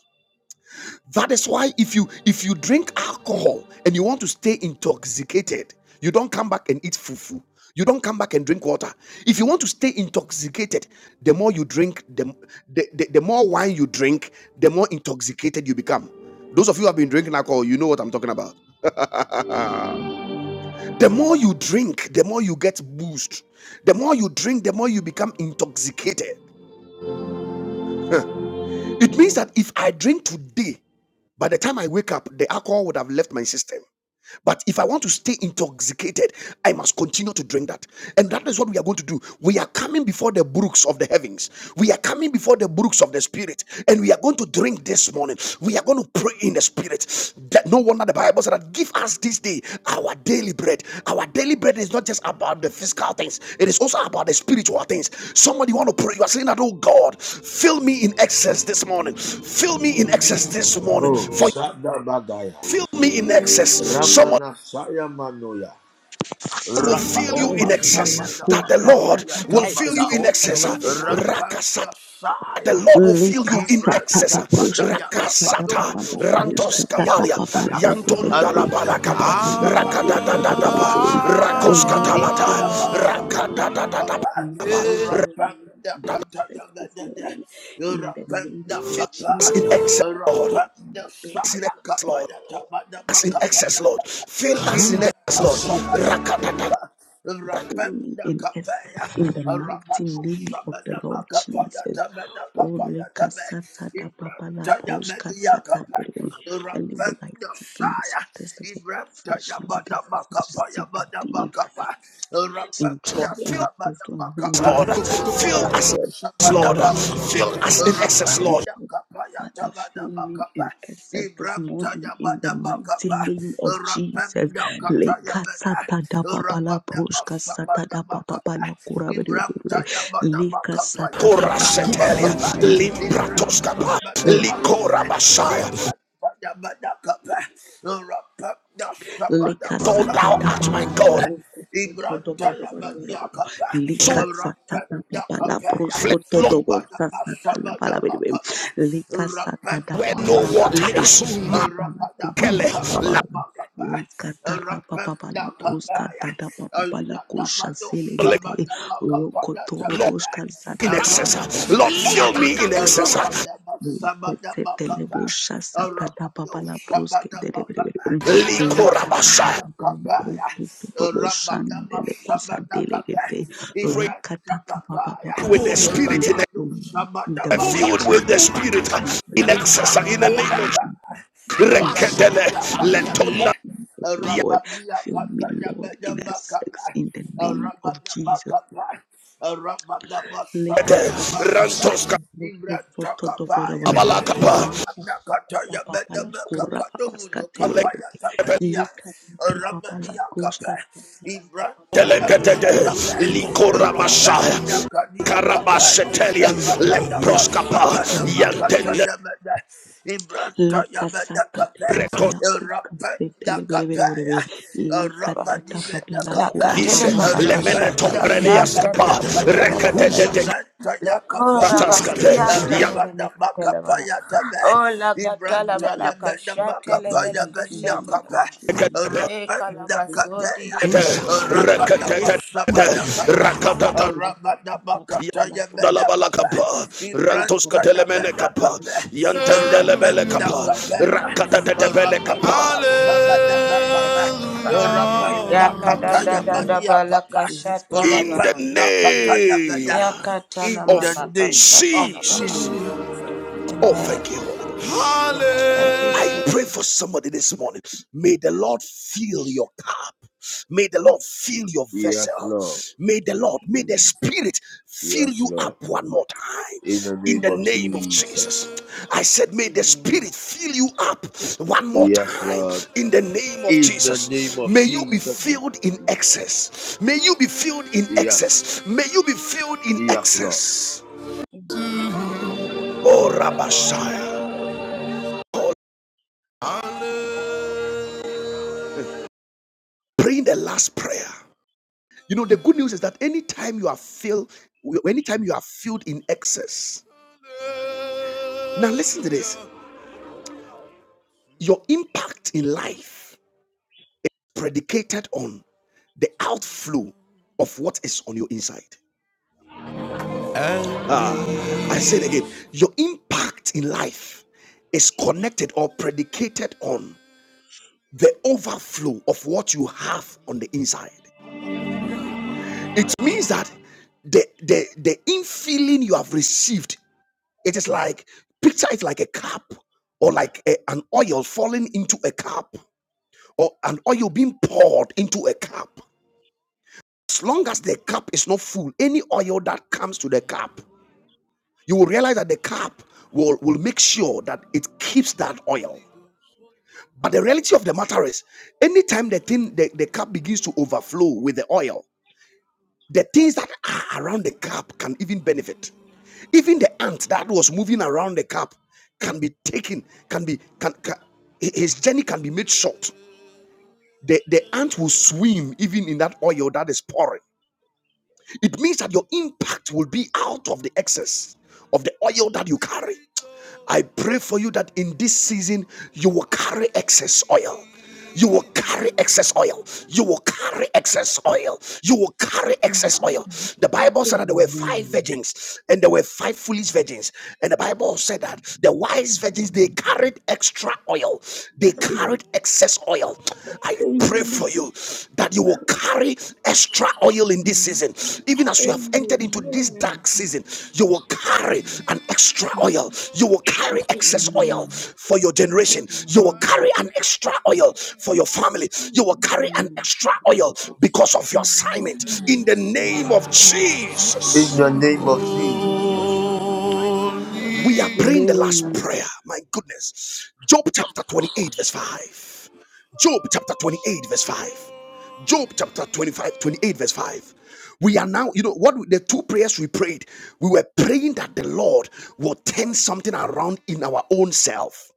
Speaker 1: That is why if you if you drink alcohol and you want to stay intoxicated, you don't come back and eat fufu. You don't come back and drink water. If you want to stay intoxicated, the more you drink, the, the, the, the more wine you drink, the more intoxicated you become. Those of you who have been drinking alcohol, you know what I'm talking about. The more you drink, the more you get boost. The more you drink, the more you become intoxicated. It means that if I drink today, by the time I wake up, the alcohol would have left my system. But if I want to stay intoxicated, I must continue to drink that. And that is what we are going to do. We are coming before the brooks of the heavens. We are coming before the brooks of the spirit. And we are going to drink this morning. We are going to pray in the spirit. That no wonder the Bible said that give us this day our daily bread. Our daily bread is not just about the physical things, it is also about the spiritual things. Somebody want to pray. You are saying that, oh God, fill me in excess this morning. Fill me in excess this morning.
Speaker 2: Oh,
Speaker 1: For
Speaker 2: Sadabagaya.
Speaker 1: Fill me in excess. Someone.
Speaker 2: Ramana Sayamanoya.
Speaker 1: will fill you
Speaker 5: Oh,
Speaker 1: in
Speaker 2: Rabadaba
Speaker 1: excess. That
Speaker 2: Sabadaba
Speaker 1: the
Speaker 5: Balakushka
Speaker 1: Lord
Speaker 2: Kabaya
Speaker 5: Satada,
Speaker 1: will Take fill you in
Speaker 2: Tabada.
Speaker 1: excess. run
Speaker 2: Rabada
Speaker 1: Rakasata. The
Speaker 2: Saya.
Speaker 1: Lord will fill you
Speaker 5: Lika
Speaker 1: in
Speaker 2: Ibranta
Speaker 5: Satada,
Speaker 1: excess.
Speaker 5: Brushka
Speaker 2: Padaya
Speaker 5: Satada,
Speaker 1: Rakasata
Speaker 5: Baba,
Speaker 2: Kapadomuno Sayaba
Speaker 1: rantos
Speaker 5: Brushka, Tata,
Speaker 1: kabalia
Speaker 5: Baba,
Speaker 2: Iakapaya
Speaker 5: Lika,
Speaker 1: yanton
Speaker 5: Lika,
Speaker 1: dalabala
Speaker 5: Brushka, Tata,
Speaker 2: Arapenda
Speaker 5: Baba,
Speaker 1: kaba
Speaker 5: Baba,
Speaker 2: Sabada
Speaker 1: rakada
Speaker 5: Brushka, Tata,
Speaker 1: da da
Speaker 2: Makapaya
Speaker 5: Baba,
Speaker 1: ba.
Speaker 2: Nebeda
Speaker 5: Lord,
Speaker 1: rakoskatalata
Speaker 2: Ibadaba Sabada
Speaker 1: rakadadadadaba
Speaker 2: Makapa Urapenda Kataya
Speaker 5: this
Speaker 2: Nedede
Speaker 5: morning, in the name
Speaker 2: Urapenda
Speaker 5: of
Speaker 1: That's
Speaker 2: Kapa
Speaker 5: Jesus,
Speaker 1: in excess, Lord.
Speaker 2: Urapenda
Speaker 1: in
Speaker 2: Saya
Speaker 1: excess, Lord.
Speaker 2: Kapaya Tabada
Speaker 1: That's in excess,
Speaker 2: Makapaya
Speaker 1: Lord. Fill us in excess, Lord. Rakadadadas,
Speaker 5: consume in essence in the mighty name of the Lord Jesus. Oh, lekasata da baba la sata rebe. And they would like seek in this festival fresh and to seek thee in dry
Speaker 1: Lord. Fill
Speaker 5: and thirsty and
Speaker 1: us,
Speaker 5: when no
Speaker 1: Lord.
Speaker 5: water is
Speaker 1: Fill
Speaker 5: so
Speaker 1: us,
Speaker 5: God. In
Speaker 1: Lord.
Speaker 5: the
Speaker 2: Rapenda
Speaker 5: mighty
Speaker 1: Fill us
Speaker 5: name
Speaker 1: in
Speaker 5: of
Speaker 1: excess, Lord.
Speaker 2: Rapanda
Speaker 5: Jesus.
Speaker 2: kapaya
Speaker 5: Father,
Speaker 2: tabada
Speaker 5: fill me
Speaker 2: bakapa.
Speaker 5: in excess this
Speaker 2: Ibrahta
Speaker 5: morning in the
Speaker 2: yabada
Speaker 5: mighty
Speaker 2: bakapa.
Speaker 5: name of Jesus.
Speaker 2: Rapanda kataya
Speaker 5: Leka
Speaker 2: bada.
Speaker 5: sata da babala
Speaker 2: Rabada
Speaker 5: brushka sata
Speaker 2: basabada
Speaker 5: da
Speaker 2: bakapa.
Speaker 5: babala kura bere bere bere.
Speaker 2: Ibrahta yabada
Speaker 5: Leka
Speaker 2: bakapa ya
Speaker 5: sata da
Speaker 2: tabada
Speaker 5: babala
Speaker 1: Korasetelia,
Speaker 5: brushka
Speaker 2: bakapa.
Speaker 5: sata da
Speaker 2: Ibrahta
Speaker 1: Limpratoskapa,
Speaker 2: yabada
Speaker 5: babala.
Speaker 2: bakapa.
Speaker 1: Likora Basaya.
Speaker 2: Ibrahta yabada bakapa. Rapanda sabada
Speaker 5: Lika
Speaker 1: God,
Speaker 5: sata
Speaker 1: thou
Speaker 2: bakapa
Speaker 5: da
Speaker 2: ya
Speaker 1: art my
Speaker 5: baba la
Speaker 2: bada.
Speaker 1: God.
Speaker 5: prusko to do
Speaker 2: Ibrahta
Speaker 5: bo do bo do bo
Speaker 2: yabada
Speaker 5: do bo.
Speaker 2: bakapa.
Speaker 1: So
Speaker 5: Lika sata da
Speaker 2: Rapanda
Speaker 5: baba la
Speaker 2: kapaya.
Speaker 5: prusko
Speaker 1: flesh,
Speaker 5: to
Speaker 1: Lord,
Speaker 5: do bo sa
Speaker 2: Rabba
Speaker 5: sata la bala bidi bim. Lika sata da
Speaker 1: where
Speaker 5: baba
Speaker 1: no
Speaker 5: la
Speaker 1: water
Speaker 5: pruska
Speaker 1: is.
Speaker 5: ta da baba la kuba
Speaker 1: Makele,
Speaker 5: baba
Speaker 1: la,
Speaker 5: baba. baba. Lika ta ra baba baba la pruska ta da baba baba la kusha sele
Speaker 1: le-
Speaker 5: gede. Roko to
Speaker 1: Lord,
Speaker 5: roboshka sata
Speaker 1: in
Speaker 5: baba la
Speaker 1: excess. Lord,
Speaker 5: kusha
Speaker 1: fill
Speaker 5: de
Speaker 1: me
Speaker 5: de
Speaker 1: in
Speaker 5: bo.
Speaker 1: excess.
Speaker 5: Setele bosha sata da baba la pruske de de bidi bidi.
Speaker 1: Likora Basaya.
Speaker 5: Likatababababababababosandelekusadelegede.
Speaker 1: Pray
Speaker 2: Ibrahim
Speaker 1: with the
Speaker 5: Rakatakababababababa.
Speaker 1: Spirit in excess.
Speaker 2: Rapado
Speaker 5: In
Speaker 2: Shabada
Speaker 5: the
Speaker 2: Baka
Speaker 1: Filled
Speaker 5: mighty
Speaker 1: with
Speaker 2: Pato
Speaker 1: the
Speaker 5: name of
Speaker 1: Spirit
Speaker 2: Monoya.
Speaker 5: Jesus.
Speaker 1: in
Speaker 2: Ibra
Speaker 1: excess. In the name of
Speaker 2: Tata
Speaker 5: In the
Speaker 1: Rekedele,
Speaker 5: mighty name of
Speaker 1: Letona,
Speaker 5: Jesus, oh Lord. Fill me, Lord, in a sex in the name of Jesus. Lika
Speaker 1: Yakete,
Speaker 5: sata
Speaker 1: Rantoska,
Speaker 5: dobo soto dobo dobo dobo.
Speaker 1: Abalakapa,
Speaker 5: Lika sata papa la kura papa ska telebelebe. Lika sata papa la kuska sata papa papa.
Speaker 1: Delegate Likora Messiah Karabasetelia Lemproskapa Yantene
Speaker 2: Rabba Ibranta
Speaker 5: Lika
Speaker 2: yabanda
Speaker 5: sata
Speaker 2: kape.
Speaker 5: papa la kuska sata
Speaker 2: Rapenda kape.
Speaker 5: telebelebelebe. Lika
Speaker 3: Baha.
Speaker 2: Rabadi
Speaker 5: sata papa
Speaker 2: menda
Speaker 5: la
Speaker 2: kape.
Speaker 5: kura
Speaker 3: Lakatele
Speaker 5: papa
Speaker 1: Recosvise
Speaker 5: papa.
Speaker 1: Lemene
Speaker 3: palakashata
Speaker 2: Rapenda
Speaker 3: la
Speaker 1: Tombrenia
Speaker 3: fian
Speaker 2: shabadi kape.
Speaker 1: Recatete
Speaker 3: tenemenekatelemenekaha.
Speaker 2: Ibranta
Speaker 3: Leko
Speaker 2: yakape.
Speaker 1: Ratascate
Speaker 3: rabaskian
Speaker 1: Yantene
Speaker 2: Rabada makapa
Speaker 3: tenemenekatelebaha.
Speaker 2: yatabe.
Speaker 3: O
Speaker 5: Father,
Speaker 3: lakatala
Speaker 5: only
Speaker 2: Ibranta
Speaker 5: in
Speaker 2: ya meda
Speaker 5: essence, in the
Speaker 3: balakashatele
Speaker 2: makapa ya
Speaker 5: mighty
Speaker 2: medi ya
Speaker 5: name of
Speaker 2: kapa.
Speaker 3: belakashatelebaha.
Speaker 5: Jesus.
Speaker 2: Rapa kapa ya.
Speaker 3: Ekalabasodi
Speaker 2: Rapa da
Speaker 1: Recatete
Speaker 2: masaba
Speaker 5: Amen.
Speaker 2: kapa.
Speaker 1: Rakatata
Speaker 2: Rapa makata ya meda
Speaker 1: Dalabala
Speaker 2: kapa.
Speaker 1: kapa, rantos
Speaker 2: Ibranta ya
Speaker 1: katelemene
Speaker 2: meda
Speaker 1: kapa,
Speaker 2: kapa. Rapa
Speaker 1: yantendelebele kapa,
Speaker 2: kapa ya.
Speaker 1: rakatatepele
Speaker 2: Rapa
Speaker 1: kapa.
Speaker 2: da masaba makapa.
Speaker 3: etelebaha.
Speaker 2: Rapa
Speaker 1: Hallelujah.
Speaker 3: Yakada
Speaker 2: kata
Speaker 3: da
Speaker 2: ya
Speaker 3: da da
Speaker 2: medi ya
Speaker 3: balaka
Speaker 2: kapa.
Speaker 1: in
Speaker 2: Rapa
Speaker 1: the
Speaker 3: shatalabaha.
Speaker 2: kata ya
Speaker 1: name
Speaker 2: meda.
Speaker 3: Yakatana
Speaker 2: In the
Speaker 1: of
Speaker 3: manaka
Speaker 2: name of
Speaker 3: shatalabaha.
Speaker 1: Jesus.
Speaker 2: Jesus.
Speaker 1: Oh,
Speaker 3: Amen.
Speaker 1: thank you, Lord. I
Speaker 3: Thank you. Jesus.
Speaker 1: pray for somebody this morning. May the Lord fill your cup. May the Lord fill your
Speaker 2: Yes,
Speaker 1: vessel.
Speaker 2: Lord.
Speaker 1: May the Lord, may the
Speaker 5: Amen.
Speaker 1: Spirit fill
Speaker 2: Yes,
Speaker 1: you
Speaker 2: Lord.
Speaker 1: up one more time.
Speaker 2: In the
Speaker 1: In
Speaker 2: name
Speaker 1: the
Speaker 2: of
Speaker 1: name of Jesus.
Speaker 2: Jesus.
Speaker 1: I said, may the
Speaker 5: Amen.
Speaker 1: Spirit fill you up one more
Speaker 2: Yes,
Speaker 1: time.
Speaker 2: Lord.
Speaker 1: In the name of
Speaker 2: In the name
Speaker 1: Jesus.
Speaker 2: of
Speaker 1: May you be
Speaker 2: Jesus.
Speaker 1: filled in excess. May you be filled in
Speaker 2: Yes.
Speaker 1: excess. May you be filled in
Speaker 2: Yes, Lord.
Speaker 1: excess. Oh, Rabbi Shai. Praying the last prayer. You know, the good news is that anytime you are filled, anytime you are filled in excess. Now listen to this. Your impact in life predicated on the outflow of what is on your inside. I say it again. Your impact in life is connected or predicated on the overflow of what you have on the inside. It means that the, the, the infilling you have received It is like, picture it like a cup or like a- an oil falling into a cup or an oil being poured into a cup. As long as the cup is not full, any oil that comes to the cup, you will realize that the cup will, will make sure that it keeps that oil. But the reality of the matter is, anytime the thing the, the cup begins to overflow with the oil, The things that are around the cup can even benefit. Even the ant that was moving around the cup can be taken, can be, can, can his journey can be made short. The, the ant will swim even in that oil that is pouring. It means that your impact will be out of the excess of the oil that you carry. I pray for you that in this season you will carry excess oil. You will carry excess oil. You will carry excess oil. You will carry excess oil. The Bible said that there were five
Speaker 5: Amen.
Speaker 1: virgins and there were five foolish virgins. And the Bible said that the wise virgins they carried extra oil they
Speaker 5: Amen.
Speaker 1: carried excess oil. I pray for
Speaker 5: Amen.
Speaker 1: you that you will carry extra oil in this season. Even as you have
Speaker 5: Amen.
Speaker 1: entered into this
Speaker 5: Amen.
Speaker 1: dark season, you will carry
Speaker 5: Amen.
Speaker 1: an extra oil. You will carry excess oil
Speaker 5: Amen.
Speaker 1: for your generation. You will carry
Speaker 5: Amen.
Speaker 1: an extra oil for your family. You will carry an extra oil because of your assignment. In the name of
Speaker 5: Amen.
Speaker 2: In
Speaker 1: Jesus.
Speaker 2: the name of Jesus.
Speaker 1: We are praying the last prayer. My goodness. Job chapter 28, verse 5. Job chapter 28, verse 5. Job chapter 25 28 verse 5. We are now, you know, what the two prayers we prayed, we were praying that the Lord will turn something around in our own self.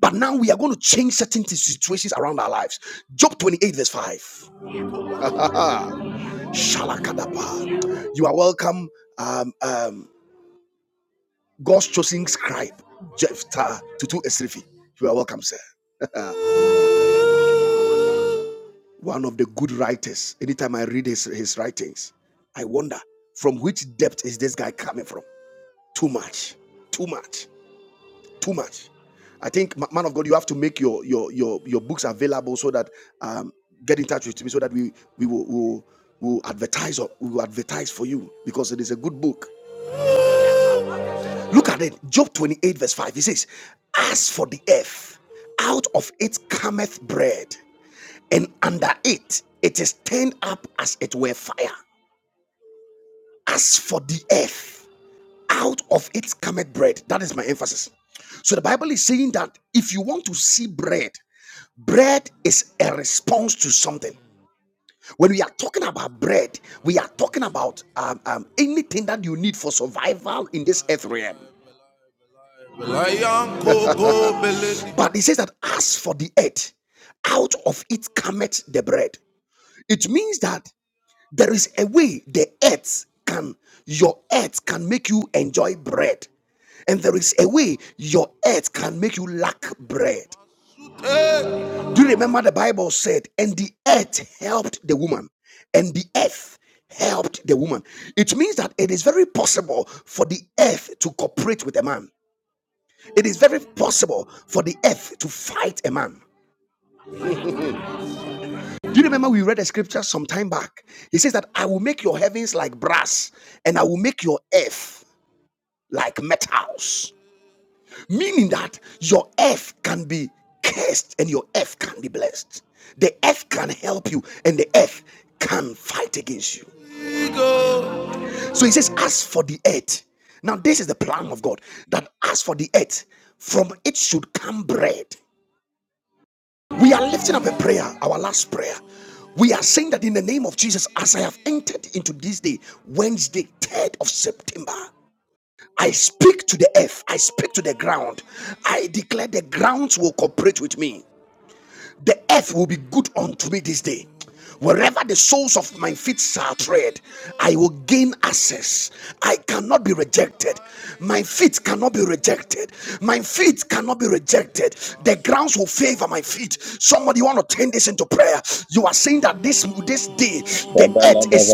Speaker 1: But now we are going to change certain si-, situations around our lives. Job 28, verse 5. Shalakadapa. You are welcome. Um, um, God's chosen scribe, Jephthah Tutu Esrifi. You are welcome, sir. One of the good writers. Anytime I read his, his writings, I wonder from which depth is this guy coming from? Too much. Too much. Too much. I think, man of God, you have to make your your your, your books available so that um, get in touch with me so that we we will, will will advertise or we will advertise for you because it is a good book. Look at it. Job 28, verse 5. He says, As for the earth, out of it cometh bread, and under it it is turned up as it were fire. As for the earth, out of it cometh bread. That is my emphasis. So the Bible is saying that if you want to see bread, bread is a response to something. When we are talking about bread, we are talking about um, um, anything that you need for survival in this earth realm. But he says that as for the earth, out of it cometh the bread. It means that there is a way the earth can, your earth can make you enjoy bread. And there is a way your earth can make you lack bread. Uh, Do you remember the Bible said, and the earth helped the woman, and the earth helped the woman? It means that it is very possible for the earth to cooperate with a man. It is very possible for the earth to fight a man. Do you remember we read a scripture some time back? He says that I will make your heavens like brass and I will make your earth like metals. Meaning that your earth can be cursed and your earth can be blessed. The earth can help you and the earth can fight against you. So he says, As for the earth, now this is the plan of God that as for the earth, from it should come bread We are lifting up a prayer, our last prayer. We are saying that in the name of Jesus, as I have entered into this day, Wednesday, 3rd of September, I speak to the earth, I speak to the ground. I declare the grounds will cooperate with me. The earth will be good unto me this day. Wherever the soles of my feet shall tread, I will gain access. I cannot be rejected. My feet cannot be rejected. My feet cannot be rejected. The grounds will favor my feet. Somebody want to turn this listen to prayer. You are saying that this this day the earth is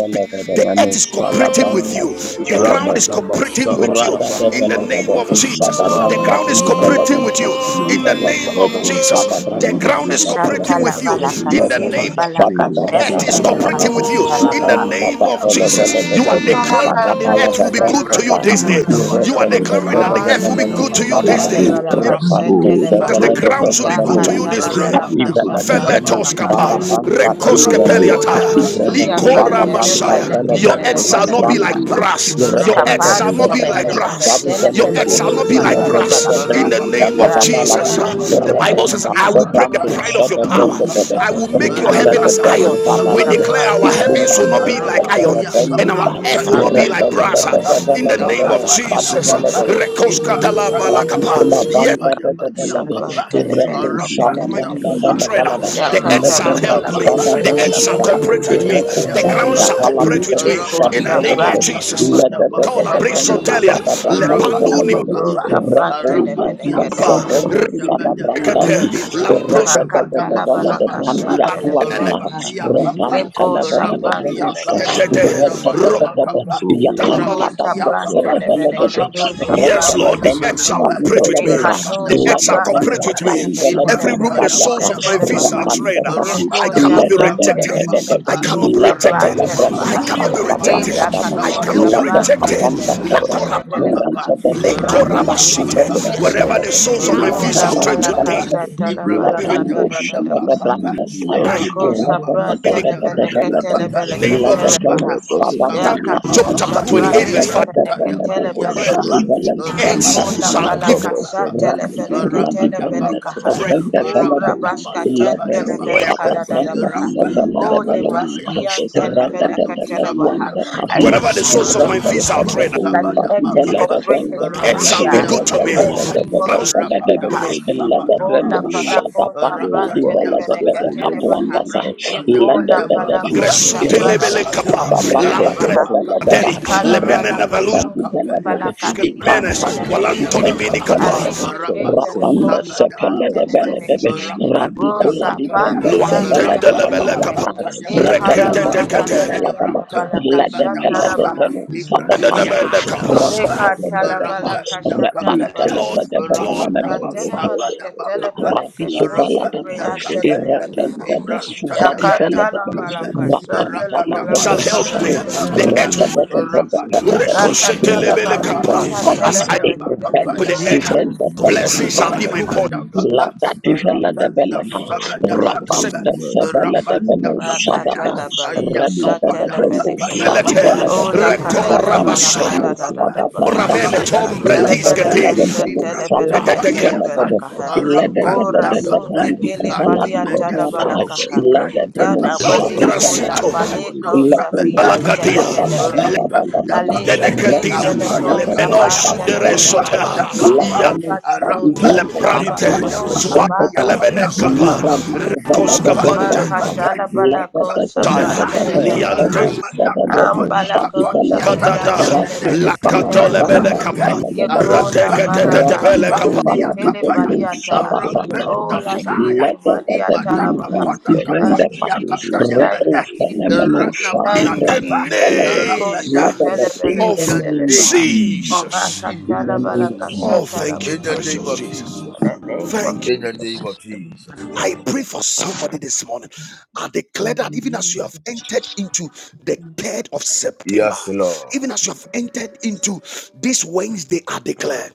Speaker 1: the earth is cooperating with
Speaker 4: Fadabranda,
Speaker 1: you. The ground
Speaker 4: Tibibalada,
Speaker 2: Rabat
Speaker 1: is
Speaker 2: dabat
Speaker 1: cooperating with
Speaker 2: sabat
Speaker 1: you.
Speaker 2: dabat
Speaker 1: In the
Speaker 2: dabat
Speaker 1: name
Speaker 2: dabat,
Speaker 1: of
Speaker 4: Radadavalagadabado,
Speaker 1: Jesus,
Speaker 6: In the
Speaker 1: the
Speaker 2: rabat
Speaker 1: ground
Speaker 2: do
Speaker 6: mighty
Speaker 1: is
Speaker 6: name of
Speaker 2: shabba
Speaker 4: Fadabranda,
Speaker 1: cooperating with you.
Speaker 2: dabat
Speaker 6: Jesus,
Speaker 2: dabat
Speaker 1: In
Speaker 6: Lake
Speaker 1: the
Speaker 2: dabat,
Speaker 1: name of
Speaker 2: Kabra
Speaker 6: Abba, Son,
Speaker 2: dabba
Speaker 1: Jesus, the
Speaker 2: dabba
Speaker 6: Lady,
Speaker 1: ground is
Speaker 2: shabba
Speaker 6: Lady,
Speaker 2: dabat,
Speaker 1: cooperating
Speaker 6: Abba,
Speaker 1: with you.
Speaker 6: Abba,
Speaker 3: Shatalabalaka
Speaker 1: In
Speaker 6: Lady, Lady,
Speaker 2: Ibrahim
Speaker 1: the
Speaker 3: sili
Speaker 1: name
Speaker 2: dabba
Speaker 3: balaka
Speaker 2: dabba
Speaker 1: the
Speaker 6: Abba,
Speaker 3: shada
Speaker 1: earth is
Speaker 2: shabba
Speaker 3: balaka
Speaker 6: Lady,
Speaker 2: dabba.
Speaker 1: cooperating with you in the
Speaker 6: Lady,
Speaker 3: shatalabaha.
Speaker 2: Rabba
Speaker 1: name
Speaker 2: dia
Speaker 1: of
Speaker 6: Abba,
Speaker 2: kabra
Speaker 1: Jesus.
Speaker 6: Son,
Speaker 1: You are
Speaker 3: La
Speaker 2: dabba
Speaker 6: Lady,
Speaker 2: dia
Speaker 1: declaring
Speaker 6: Abba,
Speaker 3: balaka
Speaker 1: that
Speaker 2: kabra.
Speaker 6: Lady,
Speaker 1: the
Speaker 3: da
Speaker 1: earth
Speaker 3: da
Speaker 1: will be
Speaker 6: Abba,
Speaker 3: da da
Speaker 6: Lady,
Speaker 1: good
Speaker 3: da
Speaker 1: to
Speaker 2: Ibrahim
Speaker 3: da
Speaker 1: you this
Speaker 2: dabba
Speaker 1: day.
Speaker 5: In
Speaker 3: balaka
Speaker 5: the
Speaker 3: da
Speaker 6: Abba,
Speaker 3: da
Speaker 2: dabat
Speaker 5: mighty
Speaker 1: You
Speaker 3: da
Speaker 1: are
Speaker 2: dabba
Speaker 3: da
Speaker 6: Son,
Speaker 3: da da
Speaker 6: Lady, Abba,
Speaker 1: declaring
Speaker 5: name
Speaker 3: da
Speaker 1: that
Speaker 5: of
Speaker 2: shabba
Speaker 1: the earth
Speaker 3: balaka
Speaker 1: will be
Speaker 2: dabat
Speaker 5: Jesus,
Speaker 3: laka
Speaker 1: good
Speaker 2: dabba
Speaker 1: to
Speaker 6: Lord,
Speaker 1: you
Speaker 5: take
Speaker 6: this
Speaker 2: kabra.
Speaker 1: this
Speaker 5: us
Speaker 1: day.
Speaker 6: day,
Speaker 5: in
Speaker 3: shatalabalaka
Speaker 5: the
Speaker 2: Rabba
Speaker 5: name of
Speaker 2: do
Speaker 6: oh, the
Speaker 5: Jesus,
Speaker 1: That
Speaker 2: shabba
Speaker 1: the
Speaker 6: earth,
Speaker 5: and we
Speaker 2: dabba
Speaker 1: grounds will be
Speaker 5: can
Speaker 1: good
Speaker 4: Father,
Speaker 2: kabra.
Speaker 1: to
Speaker 5: live
Speaker 1: you
Speaker 6: oh,
Speaker 5: this
Speaker 1: this
Speaker 6: shall be
Speaker 1: day.
Speaker 5: day,
Speaker 2: Rabba
Speaker 3: Yakatalabalaka
Speaker 6: good
Speaker 5: we
Speaker 6: to
Speaker 2: dabba
Speaker 5: get to
Speaker 4: Divelede
Speaker 6: me in the
Speaker 5: live this
Speaker 2: shabba
Speaker 4: Breno
Speaker 2: dia
Speaker 6: mighty
Speaker 3: shatalabalaka
Speaker 6: name
Speaker 4: Shada
Speaker 1: Veletoskapa,
Speaker 6: of
Speaker 5: September,
Speaker 2: kabra.
Speaker 3: dabaha.
Speaker 4: Branda
Speaker 6: Jesus.
Speaker 5: and we get to
Speaker 2: rabat
Speaker 6: Lake
Speaker 4: Tilvelede
Speaker 5: live
Speaker 3: Nicola
Speaker 1: Rekoskepeliataya,
Speaker 6: Abba,
Speaker 2: dakataya
Speaker 6: Son,
Speaker 5: every
Speaker 4: Ibreno
Speaker 2: kataya
Speaker 3: Masia
Speaker 6: Lady,
Speaker 2: bede.
Speaker 4: Shada
Speaker 1: Likora
Speaker 6: Lady,
Speaker 3: Catele
Speaker 5: moment of
Speaker 4: Branda
Speaker 1: Messiah.
Speaker 6: Abba,
Speaker 5: the
Speaker 2: Ibrahim
Speaker 3: Feleca
Speaker 5: year.
Speaker 1: Your
Speaker 4: Telebrando
Speaker 1: earth
Speaker 6: Abba,
Speaker 1: shall
Speaker 6: Son,
Speaker 2: dabba
Speaker 3: Telebele
Speaker 6: Lady,
Speaker 1: not
Speaker 5: speak
Speaker 2: dia
Speaker 1: be
Speaker 6: Abba,
Speaker 3: Caha
Speaker 1: like
Speaker 5: the
Speaker 6: Lady,
Speaker 4: Kushalami
Speaker 2: kabra.
Speaker 6: Abba, Lord.
Speaker 5: good to
Speaker 1: brass.
Speaker 5: me
Speaker 1: Your
Speaker 5: in
Speaker 1: earth
Speaker 5: the
Speaker 4: Yurekende
Speaker 2: Rabado
Speaker 1: shall
Speaker 3: Uscapan
Speaker 6: Wherever
Speaker 1: not
Speaker 5: name
Speaker 1: be
Speaker 5: of
Speaker 6: it
Speaker 1: like
Speaker 4: Sebreno
Speaker 2: Sabadaba
Speaker 3: Telefeleca
Speaker 4: Shadi
Speaker 5: Jesus.
Speaker 6: is,
Speaker 1: brass.
Speaker 2: Kabra
Speaker 1: Your
Speaker 5: With
Speaker 4: Velede
Speaker 1: earth
Speaker 3: Telepele
Speaker 6: therefore,
Speaker 5: the
Speaker 1: shall not be
Speaker 6: Lord.
Speaker 3: Crosha
Speaker 1: like
Speaker 2: Tayabadaba
Speaker 4: Lede
Speaker 5: maximum
Speaker 4: de
Speaker 1: brass. In
Speaker 3: Telebalacaha
Speaker 6: Oh,
Speaker 4: Breno
Speaker 1: the
Speaker 5: intelligence
Speaker 6: will
Speaker 5: of
Speaker 1: name
Speaker 4: Shada
Speaker 2: Rabadaba
Speaker 6: indeed
Speaker 1: of
Speaker 6: be
Speaker 5: the
Speaker 6: good
Speaker 4: Dabalada
Speaker 1: Jesus.
Speaker 3: Rasena
Speaker 6: to
Speaker 1: uh,
Speaker 2: Sabadaba
Speaker 5: religion,
Speaker 6: be
Speaker 1: The
Speaker 6: the
Speaker 5: with
Speaker 2: Kaka
Speaker 1: Bible
Speaker 5: the
Speaker 6: mighty
Speaker 1: says,
Speaker 4: Rekonda
Speaker 1: I
Speaker 6: name of
Speaker 1: will
Speaker 2: Ibra
Speaker 5: infinite
Speaker 1: break the
Speaker 3: Manaka
Speaker 4: Sebrando
Speaker 3: da
Speaker 6: Jesus.
Speaker 1: pride
Speaker 3: da
Speaker 1: of
Speaker 3: da
Speaker 1: your
Speaker 4: Shada
Speaker 3: da
Speaker 5: glory,
Speaker 1: power.
Speaker 6: Lord,
Speaker 2: Tayabadaba
Speaker 4: Brenda
Speaker 3: da da
Speaker 5: it
Speaker 3: da
Speaker 6: come
Speaker 3: da
Speaker 4: Debe
Speaker 2: Kaka
Speaker 1: I
Speaker 5: shall
Speaker 6: and
Speaker 3: bala
Speaker 1: will
Speaker 6: send
Speaker 5: help
Speaker 1: make
Speaker 6: the
Speaker 1: your
Speaker 6: Lord,
Speaker 4: Lada
Speaker 1: heaven
Speaker 5: you.
Speaker 6: the
Speaker 1: as
Speaker 4: Debe
Speaker 6: Lord, the
Speaker 2: Rabadaba
Speaker 3: bala
Speaker 5: Help
Speaker 1: iron.
Speaker 6: Lord,
Speaker 4: Kuvala
Speaker 5: me
Speaker 1: We
Speaker 3: cosa
Speaker 5: in
Speaker 4: Debe
Speaker 5: the
Speaker 1: declare
Speaker 2: Sabadaba
Speaker 3: pran
Speaker 1: our
Speaker 6: the Lord.
Speaker 5: name
Speaker 6: The
Speaker 2: Kaka
Speaker 5: of
Speaker 6: Lord,
Speaker 3: telebala
Speaker 1: heavens will
Speaker 3: da
Speaker 6: the
Speaker 1: not
Speaker 3: da
Speaker 4: Izubando
Speaker 1: be
Speaker 5: Jesus.
Speaker 3: da
Speaker 6: Lord,
Speaker 3: da
Speaker 6: the
Speaker 1: like
Speaker 3: da
Speaker 1: iron
Speaker 4: Sebele
Speaker 2: Rabadia
Speaker 3: da
Speaker 6: Lord,
Speaker 5: Make
Speaker 6: the Lord, the
Speaker 1: and
Speaker 4: Breno
Speaker 1: our
Speaker 2: Kabra
Speaker 5: me
Speaker 4: Shai
Speaker 6: Lord,
Speaker 5: look
Speaker 6: and
Speaker 1: earth
Speaker 5: at the
Speaker 1: will not
Speaker 6: then
Speaker 1: be
Speaker 6: he
Speaker 3: Aka-
Speaker 1: like
Speaker 2: Tayabadaba
Speaker 6: come
Speaker 5: direction
Speaker 4: Yurekende
Speaker 5: of
Speaker 1: brass.
Speaker 3: da
Speaker 1: uh,
Speaker 6: and
Speaker 3: da
Speaker 2: Kaka
Speaker 4: de
Speaker 3: da
Speaker 6: send
Speaker 3: da
Speaker 5: Jesus,
Speaker 1: In
Speaker 6: the
Speaker 3: da
Speaker 1: the
Speaker 6: Lord,
Speaker 4: Velede
Speaker 5: with
Speaker 1: name
Speaker 6: the
Speaker 5: my
Speaker 1: of
Speaker 4: Breno
Speaker 3: bahara
Speaker 6: Lord,
Speaker 2: Rabadia
Speaker 3: kasha
Speaker 5: face,
Speaker 4: Shadi
Speaker 6: the
Speaker 1: Jesus.
Speaker 3: da
Speaker 1: uh,
Speaker 3: da
Speaker 4: Velede
Speaker 5: Lord.
Speaker 2: Kaka
Speaker 3: da
Speaker 5: In
Speaker 6: Lord, the Lord,
Speaker 5: the
Speaker 2: Ibra
Speaker 6: the Lord, the
Speaker 5: name of Jesus,
Speaker 1: Rekoskatalabalakapa.
Speaker 2: Tayabadaba
Speaker 4: Rabusula
Speaker 5: forgive
Speaker 6: Lord, the Lord, the Lord, the Lord.
Speaker 1: Yes
Speaker 4: banda
Speaker 5: me
Speaker 2: Kaka
Speaker 4: da
Speaker 5: with
Speaker 4: da
Speaker 5: my
Speaker 2: Yabadia
Speaker 4: balada,
Speaker 3: Ushapan
Speaker 5: husband's
Speaker 2: Kaka
Speaker 5: house.
Speaker 6: Lord,
Speaker 4: irretu
Speaker 3: Telefeleca
Speaker 5: In the
Speaker 6: the
Speaker 3: da da
Speaker 4: shala
Speaker 3: da
Speaker 1: my
Speaker 6: Lord,
Speaker 2: Rabada
Speaker 6: and
Speaker 5: mighty
Speaker 4: banda
Speaker 3: da
Speaker 6: then
Speaker 4: da
Speaker 6: he
Speaker 4: da
Speaker 5: name
Speaker 1: tread.
Speaker 5: of
Speaker 2: Saya
Speaker 6: come
Speaker 4: balada,
Speaker 6: and
Speaker 1: The
Speaker 6: send
Speaker 5: Jesus,
Speaker 6: the
Speaker 1: earth
Speaker 6: Lord,
Speaker 3: Yakatala
Speaker 6: the
Speaker 1: shall
Speaker 2: Rabadia
Speaker 5: help
Speaker 4: levenu
Speaker 1: help
Speaker 5: me
Speaker 6: Lord,
Speaker 1: me.
Speaker 3: balaka
Speaker 2: Kaka
Speaker 5: in
Speaker 4: shada
Speaker 1: The
Speaker 6: the
Speaker 3: sata
Speaker 6: Lord,
Speaker 1: earth
Speaker 3: la
Speaker 4: bandi
Speaker 1: shall
Speaker 5: everything
Speaker 4: saha,
Speaker 2: Ibra
Speaker 5: in
Speaker 3: balaka
Speaker 5: the
Speaker 1: cooperate with
Speaker 3: tata
Speaker 1: me.
Speaker 5: name of
Speaker 3: tata
Speaker 1: The
Speaker 4: irrekunda
Speaker 3: tata
Speaker 2: Tayabadaba
Speaker 5: Jesus.
Speaker 1: ground
Speaker 4: dia
Speaker 1: shall
Speaker 3: baha.
Speaker 2: Kaka
Speaker 4: baladi
Speaker 1: cooperate
Speaker 5: Lika
Speaker 1: with
Speaker 4: devu
Speaker 1: me.
Speaker 6: send the Lord, the Lord. Oh, the earth and
Speaker 3: Leko
Speaker 6: send the Lord,
Speaker 4: shabi
Speaker 1: In the name
Speaker 4: belede,
Speaker 1: of
Speaker 3: sabrat
Speaker 6: praise
Speaker 1: Jesus.
Speaker 6: the
Speaker 3: tata
Speaker 4: lede de
Speaker 6: Lord, the
Speaker 4: de
Speaker 1: Call
Speaker 6: Lord.
Speaker 1: a
Speaker 4: de
Speaker 3: tata
Speaker 1: brace
Speaker 6: The
Speaker 1: or
Speaker 4: benu
Speaker 3: balaka
Speaker 1: tell you.
Speaker 6: earth
Speaker 3: ha.
Speaker 6: and
Speaker 4: shada
Speaker 6: send
Speaker 4: banda di
Speaker 6: the
Speaker 3: Ila
Speaker 1: Lepandu ni
Speaker 4: belede,
Speaker 3: kato
Speaker 6: Lord, Lord
Speaker 3: sabrat
Speaker 6: all
Speaker 3: tata
Speaker 4: irrekunda
Speaker 6: the
Speaker 4: dia
Speaker 3: balaka tata
Speaker 1: mapa.
Speaker 6: answers
Speaker 3: tata
Speaker 6: I
Speaker 4: serenu
Speaker 6: have
Speaker 3: tata
Speaker 4: shada
Speaker 6: needed,
Speaker 3: tata
Speaker 4: banda
Speaker 6: Lord.
Speaker 3: balaka
Speaker 4: si,
Speaker 3: ha.
Speaker 6: The
Speaker 1: Lampros.
Speaker 4: irrede
Speaker 6: goodness
Speaker 4: de
Speaker 6: of
Speaker 4: de
Speaker 6: the
Speaker 4: de
Speaker 3: Makatala
Speaker 4: balade
Speaker 6: person be
Speaker 3: balaka
Speaker 4: bandi
Speaker 6: mine.
Speaker 3: satala
Speaker 4: atua
Speaker 1: Latenene.
Speaker 6: In
Speaker 3: balaka
Speaker 4: bikaha,
Speaker 6: the
Speaker 3: ha.
Speaker 6: name of Jesus,
Speaker 4: rekanta
Speaker 3: Leko
Speaker 4: levele
Speaker 6: the
Speaker 4: de
Speaker 3: sabrat
Speaker 4: benu
Speaker 3: tata
Speaker 4: sha,
Speaker 6: Lord shall
Speaker 3: balaka tata
Speaker 4: irrete
Speaker 6: protect
Speaker 4: de
Speaker 6: me.
Speaker 4: de
Speaker 3: balaka
Speaker 4: de
Speaker 3: ha.
Speaker 4: de,
Speaker 6: Oh,
Speaker 3: Leko
Speaker 4: yakampa
Speaker 1: Rokta
Speaker 4: da
Speaker 3: sabrat
Speaker 4: duase de
Speaker 3: tata
Speaker 6: God
Speaker 3: balaka
Speaker 6: shall
Speaker 4: velede,
Speaker 3: to
Speaker 6: protect
Speaker 3: sabrat
Speaker 1: Yes, Lord,
Speaker 6: me.
Speaker 3: tata
Speaker 1: the earth
Speaker 3: baha.
Speaker 6: In
Speaker 1: shall
Speaker 6: the
Speaker 1: cooperate
Speaker 4: Abibela
Speaker 1: with
Speaker 6: cover,
Speaker 1: me.
Speaker 4: Deva,
Speaker 3: Lekato
Speaker 6: something
Speaker 1: The
Speaker 6: will
Speaker 1: earth
Speaker 6: be
Speaker 4: Lede
Speaker 1: shall cooperate
Speaker 4: Benua,
Speaker 3: shabrantene
Speaker 6: greater.
Speaker 1: with me.
Speaker 4: Tali
Speaker 6: It
Speaker 4: Vela
Speaker 6: shall
Speaker 3: fenekatele
Speaker 1: Every
Speaker 6: not
Speaker 4: Dian
Speaker 1: room the
Speaker 6: preach.
Speaker 4: Tajaka,
Speaker 1: soles of my
Speaker 3: pelekeshetele
Speaker 1: feet
Speaker 3: baha.
Speaker 1: shall
Speaker 6: Oh,
Speaker 1: tread.
Speaker 4: Rapanda
Speaker 6: my
Speaker 5: the
Speaker 4: Sai,
Speaker 5: earth
Speaker 1: I
Speaker 3: Yoko
Speaker 5: shall
Speaker 6: goodness.
Speaker 5: be
Speaker 1: cannot be
Speaker 4: Lede de
Speaker 5: filled
Speaker 6: In
Speaker 4: de
Speaker 5: with
Speaker 1: rejected.
Speaker 6: the
Speaker 3: shabrantene
Speaker 4: de de
Speaker 5: you
Speaker 6: name
Speaker 4: de
Speaker 5: in
Speaker 6: of
Speaker 1: I
Speaker 4: de,
Speaker 5: the
Speaker 2: Rabba
Speaker 3: fenekato
Speaker 1: cannot
Speaker 5: name
Speaker 1: be
Speaker 6: Jesus.
Speaker 5: of
Speaker 4: Lede de
Speaker 1: rejected.
Speaker 5: Jesus.
Speaker 4: le
Speaker 3: shabrantele
Speaker 4: Brendo
Speaker 6: In
Speaker 1: I
Speaker 3: baha.
Speaker 1: cannot be
Speaker 4: Shapata
Speaker 3: E
Speaker 6: the
Speaker 4: Branda
Speaker 1: rejected.
Speaker 4: Dava,
Speaker 1: I
Speaker 3: lakato
Speaker 1: cannot be
Speaker 4: Lede
Speaker 1: rejected.
Speaker 3: shabrantene
Speaker 4: Kapanda
Speaker 1: La
Speaker 4: Sebe,
Speaker 1: cora,
Speaker 3: fenekatele
Speaker 2: Ipadabakapa,
Speaker 3: pelekaha.
Speaker 4: Rete de de
Speaker 1: le cora
Speaker 4: Rambia Suvenda
Speaker 1: basite.
Speaker 4: Tele
Speaker 1: Wherever
Speaker 2: Rabadabasabadaba,
Speaker 4: de
Speaker 1: the soles of
Speaker 4: de,
Speaker 1: my
Speaker 4: Lede
Speaker 3: Yoko
Speaker 1: feet
Speaker 3: la
Speaker 1: shall tread
Speaker 3: palaka
Speaker 1: today,
Speaker 2: Rabadabakapa,
Speaker 4: la
Speaker 3: shatala
Speaker 1: be
Speaker 3: balaka da
Speaker 4: Lapando
Speaker 3: da da da
Speaker 4: Shabada
Speaker 3: baha.
Speaker 2: Ibrantayabadabakapa,
Speaker 4: Branda Sai,
Speaker 1: rejected.
Speaker 3: Leko
Speaker 4: Lada
Speaker 1: In the
Speaker 3: shabrantene fenekatele
Speaker 2: Rabadabakatayabadabakapa,
Speaker 1: name of Jesus.
Speaker 3: pelekatele
Speaker 4: Brano
Speaker 3: baha.
Speaker 4: Fada Branda
Speaker 1: Job
Speaker 3: Yakato
Speaker 4: Sai,
Speaker 1: chapter
Speaker 2: Rabadabasabadabakapa,
Speaker 1: 28,
Speaker 4: Lada
Speaker 1: verse
Speaker 3: shabrantene
Speaker 1: 5.
Speaker 4: Dada Branda
Speaker 3: fenekatele
Speaker 4: Brando
Speaker 6: mighty
Speaker 1: The
Speaker 2: Ibrantayabadiakapa,
Speaker 4: Shadi
Speaker 3: pelekaha.
Speaker 6: name of
Speaker 4: Bella
Speaker 6: Jesus,
Speaker 4: Branda
Speaker 1: earth
Speaker 4: Di
Speaker 3: Lekola
Speaker 6: the
Speaker 1: shall
Speaker 4: Bella
Speaker 1: give
Speaker 4: Bella
Speaker 6: Papa
Speaker 3: palakasha
Speaker 6: Sunday,
Speaker 2: Rabadosabadabakapa,
Speaker 4: Brandi
Speaker 3: televele
Speaker 6: the
Speaker 4: Kula Di
Speaker 6: Sunday,
Speaker 3: ketele
Speaker 4: Branda
Speaker 6: the
Speaker 3: belekaha.
Speaker 2: Rabadabakapa,
Speaker 6: Sunday,
Speaker 1: bread.
Speaker 4: Savrenda
Speaker 6: the
Speaker 4: Bella
Speaker 3: Ura
Speaker 6: Sunday,
Speaker 4: Bella,
Speaker 3: bashka
Speaker 6: the
Speaker 4: Illa
Speaker 3: tendele
Speaker 4: Brano
Speaker 6: Oh,
Speaker 2: Rabadabasabadabakapa,
Speaker 4: Shata
Speaker 6: protect
Speaker 3: belekada
Speaker 4: Branda
Speaker 3: dadabaha.
Speaker 4: Savella de
Speaker 3: O le
Speaker 4: Bella
Speaker 2: Rabadakataya,
Speaker 3: maskian
Speaker 5: Thank
Speaker 4: Rada
Speaker 3: televele
Speaker 4: Dada
Speaker 3: ketele
Speaker 4: Dada
Speaker 3: baha. I
Speaker 4: Kavi,
Speaker 1: Wherever
Speaker 2: Rabadosabadabakapa,
Speaker 1: the
Speaker 3: declare
Speaker 1: soles
Speaker 3: and
Speaker 1: of
Speaker 4: Rada
Speaker 1: my feet
Speaker 4: Dada
Speaker 1: shall
Speaker 3: declare
Speaker 1: tread.
Speaker 4: Brando
Speaker 3: that the
Speaker 4: Fadi
Speaker 3: earth is
Speaker 4: Bella de
Speaker 2: Rabadabasabadabakapa,
Speaker 6: my
Speaker 3: cooperating with
Speaker 1: It
Speaker 3: me
Speaker 1: shall be
Speaker 3: ah,
Speaker 6: ambulance
Speaker 1: good to
Speaker 6: in the
Speaker 3: in
Speaker 1: me.
Speaker 3: the
Speaker 6: name
Speaker 2: Rapendakapaya,
Speaker 6: of
Speaker 3: name of
Speaker 6: Jesus.
Speaker 1: Rouse
Speaker 4: Branda
Speaker 3: Jesus.
Speaker 6: Let
Speaker 4: Pai,
Speaker 1: to
Speaker 6: the
Speaker 1: me.
Speaker 3: Baha.
Speaker 6: end be
Speaker 4: let
Speaker 6: good
Speaker 4: the
Speaker 6: to
Speaker 4: brendo
Speaker 3: Nicola
Speaker 6: me, O
Speaker 2: Rabadabasabadabakapa,
Speaker 4: shut
Speaker 6: Lord.
Speaker 4: up
Speaker 3: Palaco
Speaker 4: and
Speaker 3: Sabrante
Speaker 4: the
Speaker 6: Verify,
Speaker 4: let the
Speaker 6: step,
Speaker 4: bed
Speaker 3: Neveneca
Speaker 6: O
Speaker 2: Ratendakapaya,
Speaker 4: up
Speaker 6: Lord, let
Speaker 4: on
Speaker 6: it
Speaker 4: the
Speaker 3: Telebaha.
Speaker 6: be
Speaker 4: side.
Speaker 6: mine.
Speaker 4: Let
Speaker 6: In
Speaker 4: the
Speaker 3: Nicola
Speaker 6: the
Speaker 4: dead
Speaker 6: mighty
Speaker 3: Palaco
Speaker 6: name
Speaker 2: Ibrantayabadabakapa,
Speaker 6: of
Speaker 1: Gresute
Speaker 6: Jesus.
Speaker 3: Sabrante
Speaker 1: lebele
Speaker 4: Iratos
Speaker 1: kapa.
Speaker 4: the
Speaker 3: Neveneca
Speaker 6: Look at
Speaker 4: brandas
Speaker 1: Lampre
Speaker 6: the
Speaker 3: Telebaha.
Speaker 6: sun.
Speaker 4: de
Speaker 2: Rabadabasabadabakapa,
Speaker 1: teni.
Speaker 4: ba
Speaker 6: Oh, give me
Speaker 3: Icala
Speaker 6: the
Speaker 1: Lemene
Speaker 4: Ratos
Speaker 3: Palaca
Speaker 1: nevelus.
Speaker 4: from the
Speaker 3: Sotele
Speaker 4: vela
Speaker 2: Rapendakapaya,
Speaker 4: vele the
Speaker 3: Palacastia
Speaker 1: Menes.
Speaker 6: name,
Speaker 4: campadia
Speaker 6: O Lord.
Speaker 3: Tenemeneca.
Speaker 1: Walantoni
Speaker 4: supreme
Speaker 1: mini
Speaker 4: the
Speaker 2: Ibrantayabadabakapa,
Speaker 4: vela
Speaker 1: kapa.
Speaker 6: We
Speaker 3: Aleke
Speaker 6: come ascend
Speaker 4: Rapanda
Speaker 6: to
Speaker 3: Teveleco
Speaker 4: se vela
Speaker 6: I
Speaker 3: Japante
Speaker 4: de vela de
Speaker 3: Neveneca.
Speaker 6: establish
Speaker 4: be
Speaker 6: my
Speaker 2: Rabadosabadabakapa,
Speaker 6: dominion
Speaker 4: Radicola
Speaker 6: around
Speaker 3: Rosa
Speaker 4: di
Speaker 6: it
Speaker 2: Rapendakapaya,
Speaker 6: in
Speaker 4: brenda
Speaker 6: the
Speaker 4: se
Speaker 6: name
Speaker 3: Pantiante
Speaker 6: of
Speaker 4: vela de
Speaker 1: Luantende
Speaker 4: vela
Speaker 6: Jesus.
Speaker 1: lebele
Speaker 3: Neveneca.
Speaker 1: kapa.
Speaker 4: muata
Speaker 6: That's how we say
Speaker 3: Icala
Speaker 4: Retele
Speaker 1: Rekete
Speaker 6: it. Well,
Speaker 4: brenda
Speaker 2: Rapendakatayabadabakapa,
Speaker 4: di
Speaker 3: Balacada
Speaker 1: tekete.
Speaker 4: vela de
Speaker 6: They
Speaker 4: ba
Speaker 3: da
Speaker 2: Ibrata
Speaker 6: can be
Speaker 2: da ba
Speaker 4: Lede
Speaker 2: da
Speaker 3: Balacashata
Speaker 6: believed,
Speaker 4: pele
Speaker 6: they
Speaker 4: de
Speaker 2: basa,
Speaker 3: Labaha.
Speaker 6: be
Speaker 4: brenda
Speaker 6: descended,
Speaker 2: Ibrata
Speaker 6: they
Speaker 2: da
Speaker 4: sada
Speaker 6: be
Speaker 2: ba
Speaker 1: Dedebede
Speaker 2: da
Speaker 6: covered and
Speaker 1: kapa.
Speaker 2: kapa,
Speaker 6: ascended.
Speaker 3: Nicatala
Speaker 2: Rapa da
Speaker 3: Balacashata
Speaker 6: They
Speaker 2: kapa ya,
Speaker 6: come
Speaker 1: Lord,
Speaker 3: Labalaca.
Speaker 1: Lord,
Speaker 6: ascended
Speaker 2: Rapa
Speaker 6: in
Speaker 2: da
Speaker 3: Ya
Speaker 6: the Baba,
Speaker 2: basa
Speaker 5: you.
Speaker 2: ba
Speaker 3: telebele
Speaker 6: Baba,
Speaker 2: da
Speaker 3: ke
Speaker 2: ba
Speaker 6: Baba, Baba,
Speaker 2: kapa,
Speaker 3: telebele ke toske
Speaker 2: Rapa
Speaker 3: pe
Speaker 2: da
Speaker 3: ya
Speaker 6: Baba, Baba, Baba,
Speaker 2: kapa
Speaker 3: telebele ke
Speaker 6: Baba,
Speaker 3: ha.
Speaker 6: Baba,
Speaker 2: Ibranta
Speaker 3: Ya ka
Speaker 1: help
Speaker 2: Yabada
Speaker 6: the
Speaker 3: telebele
Speaker 2: Bakapa,
Speaker 3: ka sa
Speaker 6: director your
Speaker 2: Rabada
Speaker 3: telebele ke
Speaker 1: shall
Speaker 3: de
Speaker 1: help
Speaker 6: kingdom
Speaker 3: de de
Speaker 1: me.
Speaker 2: Basabada
Speaker 3: de
Speaker 6: favor
Speaker 3: de
Speaker 6: in the
Speaker 1: The
Speaker 3: de
Speaker 2: Bakapa,
Speaker 3: de de
Speaker 6: name
Speaker 1: earth
Speaker 6: of Jesus.
Speaker 1: will
Speaker 2: Rabadia
Speaker 3: Ya
Speaker 6: We
Speaker 3: ka
Speaker 2: Kapa,
Speaker 1: reconsete
Speaker 6: cover
Speaker 1: lebele
Speaker 6: from
Speaker 3: telebele
Speaker 6: the
Speaker 3: ka
Speaker 1: kapa.
Speaker 6: way
Speaker 2: Rabado
Speaker 3: sa
Speaker 6: of the
Speaker 1: As I
Speaker 6: Raven,
Speaker 2: Sabada
Speaker 3: telebele ke de
Speaker 6: the
Speaker 3: de
Speaker 2: Bakapa
Speaker 3: de
Speaker 1: put
Speaker 3: de de
Speaker 1: the
Speaker 6: action
Speaker 3: de
Speaker 1: earth,
Speaker 3: ba
Speaker 2: Yabada,
Speaker 6: work
Speaker 3: ha.
Speaker 6: in my
Speaker 1: Blessings
Speaker 6: favor
Speaker 1: shall
Speaker 2: Ibranta
Speaker 1: be
Speaker 6: in
Speaker 1: my
Speaker 6: the
Speaker 2: Yabada
Speaker 1: portion.
Speaker 6: name of
Speaker 2: Kapa,
Speaker 6: Jesus.
Speaker 4: Lata di vela de
Speaker 6: Only
Speaker 2: Rabada
Speaker 4: beleka,
Speaker 6: favor and
Speaker 2: Sabada
Speaker 6: blessings are
Speaker 2: Bakapa,
Speaker 6: the
Speaker 4: rapanda se
Speaker 6: mine
Speaker 4: vela de
Speaker 6: in
Speaker 2: Rabada
Speaker 6: the
Speaker 4: beno
Speaker 6: name of
Speaker 2: Kapaya,
Speaker 4: sadaba,
Speaker 3: Makatala
Speaker 6: Jesus.
Speaker 3: balaka
Speaker 4: retta
Speaker 6: We
Speaker 4: de
Speaker 3: shatele
Speaker 2: Ayakapaya
Speaker 6: cover from
Speaker 2: Tapaya
Speaker 6: the
Speaker 3: velekehe.
Speaker 6: way
Speaker 1: Melete.
Speaker 2: Kapa,
Speaker 4: vrendo
Speaker 3: Ola
Speaker 6: of the
Speaker 4: let
Speaker 3: katala
Speaker 2: Ibranta
Speaker 6: May
Speaker 3: valaka
Speaker 1: Rekorabasai.
Speaker 2: Yabada
Speaker 3: da
Speaker 6: cover
Speaker 3: da da
Speaker 6: from
Speaker 2: Kapa,
Speaker 3: da baha.
Speaker 1: Ramene Tom
Speaker 6: the
Speaker 3: Ya
Speaker 2: Rabada da kape
Speaker 3: telebeleke
Speaker 1: Bretiskati,
Speaker 6: in the name
Speaker 2: Ibranta
Speaker 6: of
Speaker 3: shetelebeleke
Speaker 2: padia
Speaker 6: Jesus,
Speaker 2: pa
Speaker 6: we
Speaker 3: telebelekaha.
Speaker 6: cover
Speaker 2: arapa
Speaker 6: something with
Speaker 2: da
Speaker 3: Ora
Speaker 6: the cover
Speaker 2: kape
Speaker 3: sote
Speaker 6: that of
Speaker 3: kele
Speaker 6: real
Speaker 3: palia
Speaker 6: cover that
Speaker 2: adimenesa
Speaker 6: of
Speaker 3: talabalakaha.
Speaker 6: that of the
Speaker 2: ibranta
Speaker 3: Ya
Speaker 6: baby
Speaker 2: kapadia
Speaker 6: cover
Speaker 3: namani
Speaker 1: Londra
Speaker 6: that
Speaker 3: kula
Speaker 1: Sito,
Speaker 6: somebody
Speaker 3: pale
Speaker 2: adomo no
Speaker 6: will
Speaker 3: kauza
Speaker 2: sabe da
Speaker 6: really
Speaker 3: fian
Speaker 6: go to
Speaker 2: kape
Speaker 1: Alagatia,
Speaker 6: cover
Speaker 3: telebelekehe.
Speaker 6: somebody
Speaker 2: arapa
Speaker 6: really
Speaker 2: da
Speaker 6: really
Speaker 2: kape
Speaker 3: Aleke
Speaker 1: Lendene
Speaker 3: te
Speaker 1: Cantina,
Speaker 6: we
Speaker 2: apaya
Speaker 6: cover
Speaker 3: felekauza
Speaker 2: kapaya
Speaker 3: pan
Speaker 1: Lemenos
Speaker 6: that
Speaker 1: de
Speaker 6: somebody
Speaker 3: telebelekaha.
Speaker 2: ibanda
Speaker 6: really
Speaker 1: Resota,
Speaker 6: really
Speaker 2: kapa
Speaker 3: Ya
Speaker 1: Ia,
Speaker 6: cover
Speaker 3: palito
Speaker 6: somebody
Speaker 2: arapa
Speaker 6: that
Speaker 3: satin
Speaker 2: da kapa
Speaker 1: Leprante,
Speaker 6: we
Speaker 2: da
Speaker 3: palakoza
Speaker 6: cover
Speaker 2: kapa
Speaker 1: Swa,
Speaker 3: pan
Speaker 2: dia
Speaker 6: that
Speaker 4: the
Speaker 2: pa
Speaker 1: Lemene
Speaker 2: da
Speaker 3: telebeha.
Speaker 2: pa da
Speaker 6: somebody
Speaker 1: Capa,
Speaker 4: Livra di
Speaker 2: kapa
Speaker 6: really
Speaker 4: ovele de
Speaker 6: really
Speaker 2: apanda
Speaker 6: cover
Speaker 4: benuata
Speaker 2: kape
Speaker 3: Makatala
Speaker 6: somebody
Speaker 4: La La
Speaker 3: balako
Speaker 2: ibanda
Speaker 3: sapra
Speaker 6: really
Speaker 2: saya
Speaker 4: La
Speaker 6: really
Speaker 4: bala
Speaker 6: cover
Speaker 3: televelekehe.
Speaker 1: Liante
Speaker 6: somebody
Speaker 4: da
Speaker 6: with
Speaker 3: Ambalako
Speaker 6: the
Speaker 3: zafia
Speaker 1: Catata,
Speaker 4: radi
Speaker 3: telemeneke
Speaker 4: fufala da
Speaker 1: Lacatolemene
Speaker 3: telebaha.
Speaker 4: banda
Speaker 6: Thank
Speaker 4: di
Speaker 1: Capa,
Speaker 4: bala da da dos
Speaker 3: Yekola
Speaker 1: Rateca
Speaker 5: Thank you.
Speaker 4: radi
Speaker 3: barakaso
Speaker 1: Capa,
Speaker 3: se
Speaker 4: fufala di
Speaker 5: Thank you,
Speaker 4: bala
Speaker 3: telebaliataha.
Speaker 4: da
Speaker 5: Father. Thank
Speaker 4: banda
Speaker 3: Oh,
Speaker 4: kai
Speaker 3: like
Speaker 4: la
Speaker 3: any
Speaker 4: da da da bin
Speaker 3: maniatalabaha.
Speaker 4: was di brenda
Speaker 3: Thank you,
Speaker 4: fai
Speaker 3: Jesus. Thank
Speaker 4: reo
Speaker 3: you, Jesus.
Speaker 4: fenomeno sa di
Speaker 3: Thank
Speaker 1: in
Speaker 3: you,
Speaker 1: the
Speaker 4: brenda
Speaker 3: Jesus.
Speaker 4: bala da
Speaker 3: Leko
Speaker 1: name
Speaker 4: la
Speaker 3: sa
Speaker 4: da da In the
Speaker 3: telemeneke
Speaker 1: of
Speaker 4: name of
Speaker 3: telebaha.
Speaker 4: Jesus.
Speaker 1: Jesus.
Speaker 4: In
Speaker 5: you,
Speaker 3: Makatala
Speaker 4: the
Speaker 5: Lord.
Speaker 4: name of
Speaker 3: balaka sa
Speaker 1: Oh,
Speaker 4: Jesus.
Speaker 1: thank you,
Speaker 2: in the
Speaker 3: talabaha.
Speaker 6: you,
Speaker 2: name
Speaker 1: precious
Speaker 2: of
Speaker 6: Lord Jesus.
Speaker 1: Jesus.
Speaker 2: Jesus.
Speaker 3: In the name of
Speaker 1: Thank
Speaker 2: In the name of Jesus. In
Speaker 1: you.
Speaker 2: the name of
Speaker 3: Jesus.
Speaker 2: Jesus.
Speaker 1: I pray for somebody this morning. I declare
Speaker 5: In the
Speaker 1: that even as
Speaker 5: name
Speaker 1: you have
Speaker 5: of
Speaker 1: entered
Speaker 5: Jesus.
Speaker 1: into the
Speaker 5: Thank
Speaker 1: 3rd of September,
Speaker 2: Yes, Lord.
Speaker 1: even as you have
Speaker 5: you.
Speaker 1: entered into this Wednesday, I declare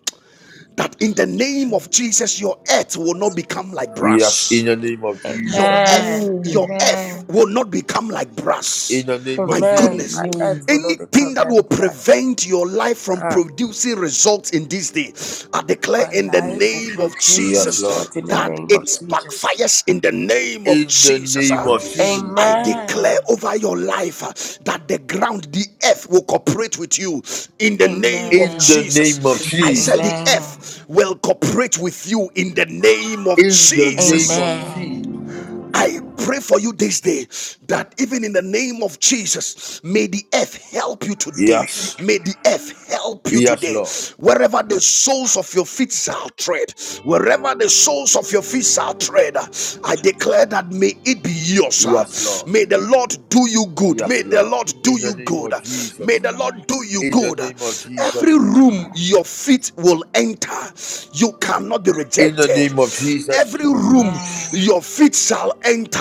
Speaker 1: that in the name of
Speaker 5: Jesus.
Speaker 1: Jesus, your earth will not become like
Speaker 2: Yes,
Speaker 1: brass.
Speaker 2: in the name of
Speaker 1: Your
Speaker 2: Jesus.
Speaker 1: earth,
Speaker 3: Amen.
Speaker 1: your
Speaker 5: Amen.
Speaker 1: earth
Speaker 3: Amen.
Speaker 1: will not become like brass.
Speaker 2: in the name
Speaker 1: My
Speaker 2: of
Speaker 3: Amen.
Speaker 1: goodness.
Speaker 3: My
Speaker 2: Jesus.
Speaker 3: life
Speaker 5: Amen.
Speaker 3: will not
Speaker 1: Anything
Speaker 3: become
Speaker 1: that
Speaker 3: like
Speaker 1: will
Speaker 3: grass.
Speaker 1: prevent your life from
Speaker 3: Ah,
Speaker 1: producing results in this day, I declare
Speaker 3: my
Speaker 1: in the
Speaker 3: life will
Speaker 1: name of
Speaker 3: produce
Speaker 2: Yes, Lord.
Speaker 1: Jesus
Speaker 3: results in the
Speaker 1: that
Speaker 3: name of
Speaker 1: it
Speaker 3: Jesus.
Speaker 1: backfires in the name of
Speaker 2: In the
Speaker 1: Jesus.
Speaker 2: name
Speaker 1: ah.
Speaker 2: of
Speaker 1: I
Speaker 2: Jesus.
Speaker 3: Amen.
Speaker 1: declare over your life ah, that the ground, the earth will cooperate with you in the name of
Speaker 2: In the
Speaker 3: Amen.
Speaker 2: name of
Speaker 1: Jesus. I said the
Speaker 2: Jesus.
Speaker 3: Amen.
Speaker 1: earth will cooperate with you in the name of
Speaker 2: In the name
Speaker 1: Jesus.
Speaker 2: of
Speaker 3: Amen.
Speaker 2: Jesus.
Speaker 1: I pray for you this day that even in the name of Jesus, may the earth help you today.
Speaker 2: Yes.
Speaker 1: May the earth help you
Speaker 2: Yes,
Speaker 1: today.
Speaker 2: Lord.
Speaker 1: Wherever the soles of your feet shall tread, wherever the soles of your feet shall tread, I declare that may it be yours.
Speaker 2: Yes, Lord.
Speaker 1: May the Lord do you good.
Speaker 2: Yes,
Speaker 1: May the
Speaker 2: Lord.
Speaker 1: Lord do
Speaker 2: In the
Speaker 1: you
Speaker 2: name
Speaker 1: good.
Speaker 2: of
Speaker 1: May
Speaker 2: Jesus.
Speaker 1: the
Speaker 3: Amen.
Speaker 1: Lord do you
Speaker 2: In the
Speaker 1: good.
Speaker 2: name of
Speaker 1: Every
Speaker 2: Jesus.
Speaker 1: room your feet will enter, you cannot be
Speaker 2: In the name of
Speaker 1: rejected
Speaker 2: Jesus.
Speaker 1: every
Speaker 3: Amen. Amen.
Speaker 1: room your feet shall enter,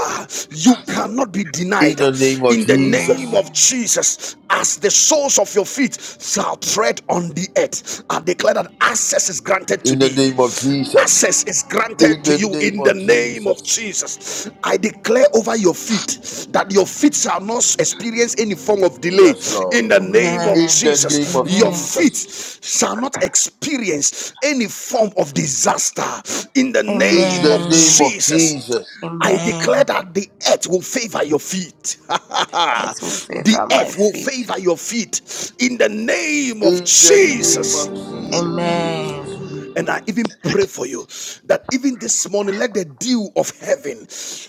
Speaker 1: you cannot be
Speaker 2: In
Speaker 1: denied.
Speaker 2: the name of
Speaker 1: In the name
Speaker 2: Jesus.
Speaker 3: Amen.
Speaker 1: of Jesus, as the soles of your feet shall tread on the earth, I declare that access is granted to
Speaker 2: In the
Speaker 1: thee.
Speaker 2: name of Jesus.
Speaker 1: Access is
Speaker 2: In
Speaker 1: granted to
Speaker 2: the
Speaker 1: you
Speaker 2: name
Speaker 1: in the
Speaker 2: of
Speaker 1: name of
Speaker 2: Jesus.
Speaker 1: Jesus. I declare over your feet that your feet shall not not experience any form of delay
Speaker 2: Yes, Lord.
Speaker 1: in the name of
Speaker 2: In
Speaker 3: Amen.
Speaker 2: the name
Speaker 1: Jesus.
Speaker 2: of
Speaker 1: Your
Speaker 3: Amen.
Speaker 1: feet
Speaker 2: Jesus.
Speaker 1: shall not experience any form of disaster in the
Speaker 2: In
Speaker 1: name
Speaker 2: the
Speaker 1: of
Speaker 2: name
Speaker 3: Amen.
Speaker 2: of
Speaker 1: Jesus.
Speaker 2: Jesus.
Speaker 1: I declare that the earth will favor your feet.
Speaker 3: It will
Speaker 1: the
Speaker 3: favor my
Speaker 1: earth will
Speaker 3: feet.
Speaker 1: favor your feet in the name of
Speaker 2: In the name
Speaker 1: Jesus.
Speaker 2: of
Speaker 3: Amen.
Speaker 2: Jesus.
Speaker 1: And I even pray for you that even this morning, let the dew of heaven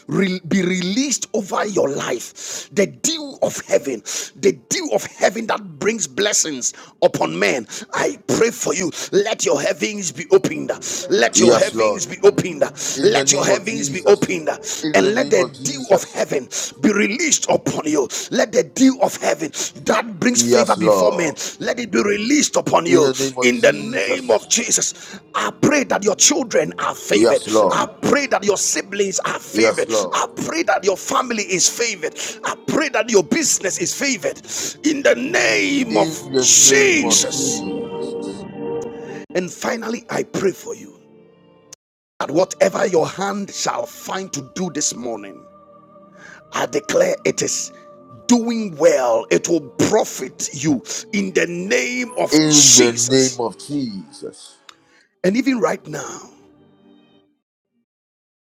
Speaker 1: re- be released over your life. The dew of heaven, the dew of heaven that brings blessings upon men. I pray for you. Let your heavens be opened. Let your
Speaker 2: Yes, Lord.
Speaker 1: heavens be opened.
Speaker 2: In the
Speaker 1: Let your
Speaker 2: name of
Speaker 1: heavens be
Speaker 2: Jesus.
Speaker 1: opened.
Speaker 2: In the
Speaker 1: And let
Speaker 2: name
Speaker 1: the
Speaker 2: of
Speaker 1: dew of
Speaker 2: Jesus.
Speaker 1: heaven be released upon you. Let the dew of heaven that brings
Speaker 2: Yes,
Speaker 1: favor before men,
Speaker 2: Lord.
Speaker 1: let it be released upon
Speaker 2: In
Speaker 1: you
Speaker 2: the name of
Speaker 1: in the name
Speaker 2: Jesus.
Speaker 1: of Jesus. I pray that your children are favored.
Speaker 2: Yes, Lord.
Speaker 1: I pray that your siblings are
Speaker 2: Yes,
Speaker 1: favored.
Speaker 2: Lord.
Speaker 1: I pray that your family is favored. I pray that your business is favored in the name of
Speaker 2: In the name of
Speaker 1: Jesus.
Speaker 2: Jesus.
Speaker 1: And finally, I pray for you that whatever your hand shall find to do this morning. I declare it is doing well. It will profit you in the name of
Speaker 2: In the name
Speaker 1: Jesus.
Speaker 2: of Jesus.
Speaker 1: And even right now,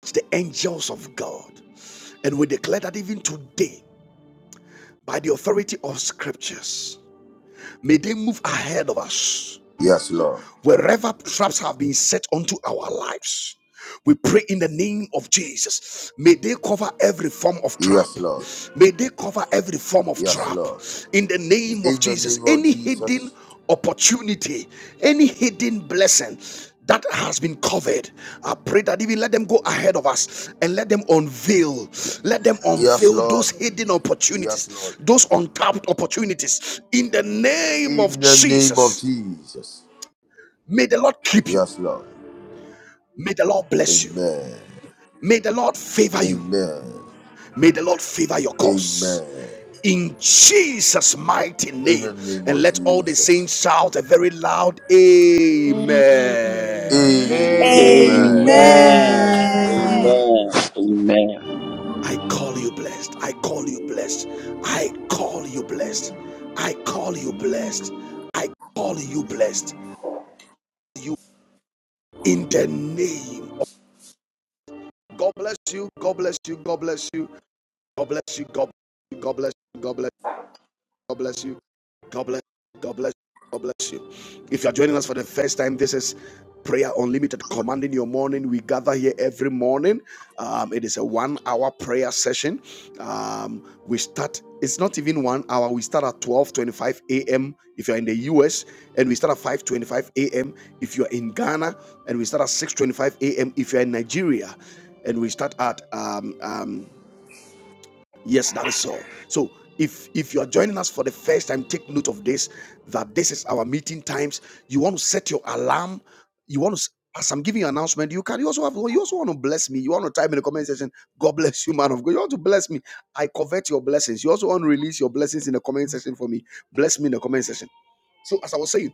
Speaker 1: it's the angels of God. And we declare that even today, by the authority of scriptures, may they move ahead of us
Speaker 2: Yes, Lord.
Speaker 1: Wherever traps have been set onto our lives, we pray in the name of Jesus. May they cover every form of trap.
Speaker 2: Yes, Lord.
Speaker 1: May they cover every form of
Speaker 2: Yes,
Speaker 1: trap.
Speaker 2: Lord.
Speaker 1: In the name of
Speaker 2: In the
Speaker 1: Jesus,
Speaker 2: name of
Speaker 1: any hidden
Speaker 2: Jesus.
Speaker 1: opportunity, any hidden blessing that has been covered, I pray that even let them go ahead of us and let them unveil, let them
Speaker 2: Yes,
Speaker 1: unveil
Speaker 2: Lord.
Speaker 1: those hidden
Speaker 2: Yes, Lord.
Speaker 1: opportunities, those untapped opportunities. In the name of
Speaker 2: In the name of
Speaker 1: Jesus,
Speaker 2: Jesus.
Speaker 1: may the Lord keep you.
Speaker 2: Yes, Lord.
Speaker 1: May the Lord bless you.
Speaker 2: Amen.
Speaker 1: May the Lord favor you.
Speaker 2: Amen.
Speaker 1: May the Lord favor your cause.
Speaker 2: Amen.
Speaker 1: In Jesus' mighty
Speaker 2: In the
Speaker 1: name.
Speaker 2: name
Speaker 1: And
Speaker 2: of
Speaker 1: let all the
Speaker 2: Jesus.
Speaker 1: saints shout a very loud Amen.
Speaker 2: Amen.
Speaker 7: Amen.
Speaker 8: Amen
Speaker 4: Amen.
Speaker 3: Amen.
Speaker 9: Amen.
Speaker 4: Amen. Amen.
Speaker 1: I call you blessed. I call you blessed. I call you blessed. I call you blessed. I call you blessed. You in the name of God bless you. God bless you. God bless you. God bless you. God bless you. God bless you. God bless you. God bless you. God bless. you. God bless. you. God bless you. If you are joining us for the first time, this is Prayer Unlimited, commanding your morning. We gather here every morning. Um, it is a one-hour prayer session. Um, we start. It's not even one hour. We start at 12:25 a.m. if you're in the U.S. and we start at 5:25 a.m. if you're in Ghana, and we start at 6:25 a.m. if you're in Nigeria, and we start at um, um, Yes, that is so. So if if you are joining us for the first time, take note of this that this is our meeting times. You want to set your alarm. You want to as I'm giving you an announcement, you can you also have you also want to bless me. You want to type in the comment section, God bless you, man of God. You want to bless me. I covet your blessings. You also want to release your blessings in the comment section for me. Bless me in the comment section. So as I was saying,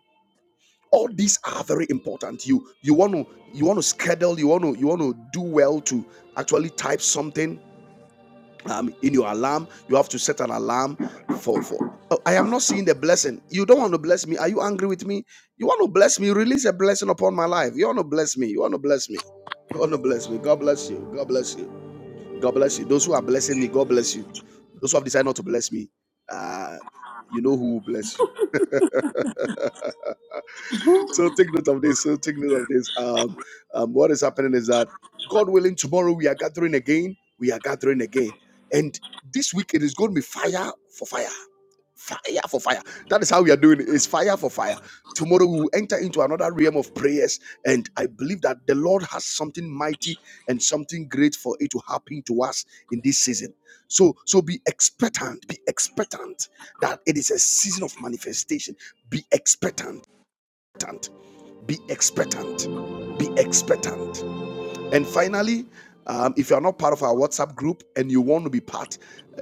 Speaker 1: all these are very important. You you want to you want to schedule, you want to you want to do well to actually type something um, in your alarm. You have to set an alarm for for. "Oh, I am not seeing the blessing. You don't want to bless me. Are you angry with me? You want to bless me? Release a blessing upon my life. You want to bless me. You want to bless me. You want to bless me. God bless you. God bless you. God bless you. Those who are blessing me, God bless you. Those who have decided not to bless me, uh, you know who will bless you. so take note of this. So take note of this. Um, um, what is happening is that God willing, tomorrow we are gathering again. We are gathering again, and this week it is going to be fire for fire, fire for fire. That is how we are doing it. It's fire for fire. Tomorrow we will enter into another realm of prayers, and I believe that the Lord has something mighty and something great for it to happen to us in this season. So, so be expectant. Be expectant that it is a season of manifestation. Be expectant expectant. Be expectant. Be expectant. And finally, um, if you are not part of our WhatsApp group and you want to be part,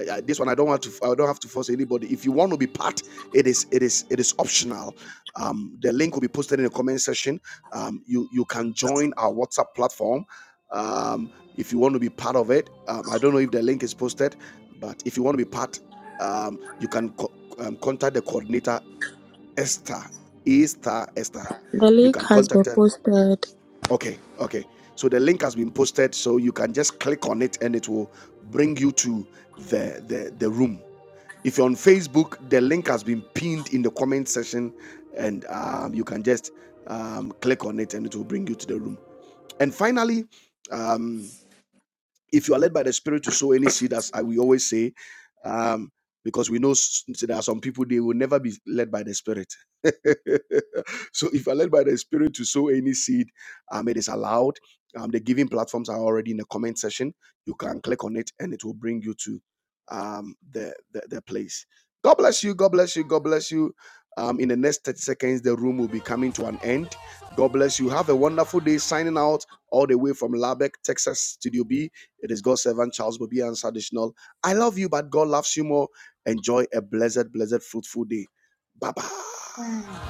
Speaker 1: uh, this one I don't want to. I don't have to force anybody. If you want to be part, it is it is it is optional. Um, the link will be posted in the comment section. Um, you you can join our WhatsApp platform um, if you want to be part of it. Um, I don't know if the link is posted, but if you want to be part, um, you can co- um, contact the coordinator Esther, Esther, Esther.
Speaker 3: The
Speaker 1: You
Speaker 3: link
Speaker 1: can
Speaker 3: has been
Speaker 1: contact her.
Speaker 3: posted.
Speaker 1: Okay, okay. So the link has been posted, so you can just click on it and it will bring you to the the, the room. If you're on Facebook, the link has been pinned in the comment section, and um, you can just um, click on it and it will bring you to the room. And finally, um, if you are led by the spirit to sow any seed as I- we always say um because we know there are some people they will never be led by the spirit so if you're led by the spirit to sow any seed um it is allowed um the giving platforms are already in the comment section you can click on it and it will bring you to um the the, the place god bless you god bless you god bless you um, in the next 30 seconds, the room will be coming to an end. God bless you. Have a wonderful day. Signing out all the way from Lubbock, Texas, Studio B. It is God's servant Charles Bobby Answer Additional. I love you, but God loves you more. Enjoy a blessed, blessed, fruitful day. Bye bye.
Speaker 10: Amen.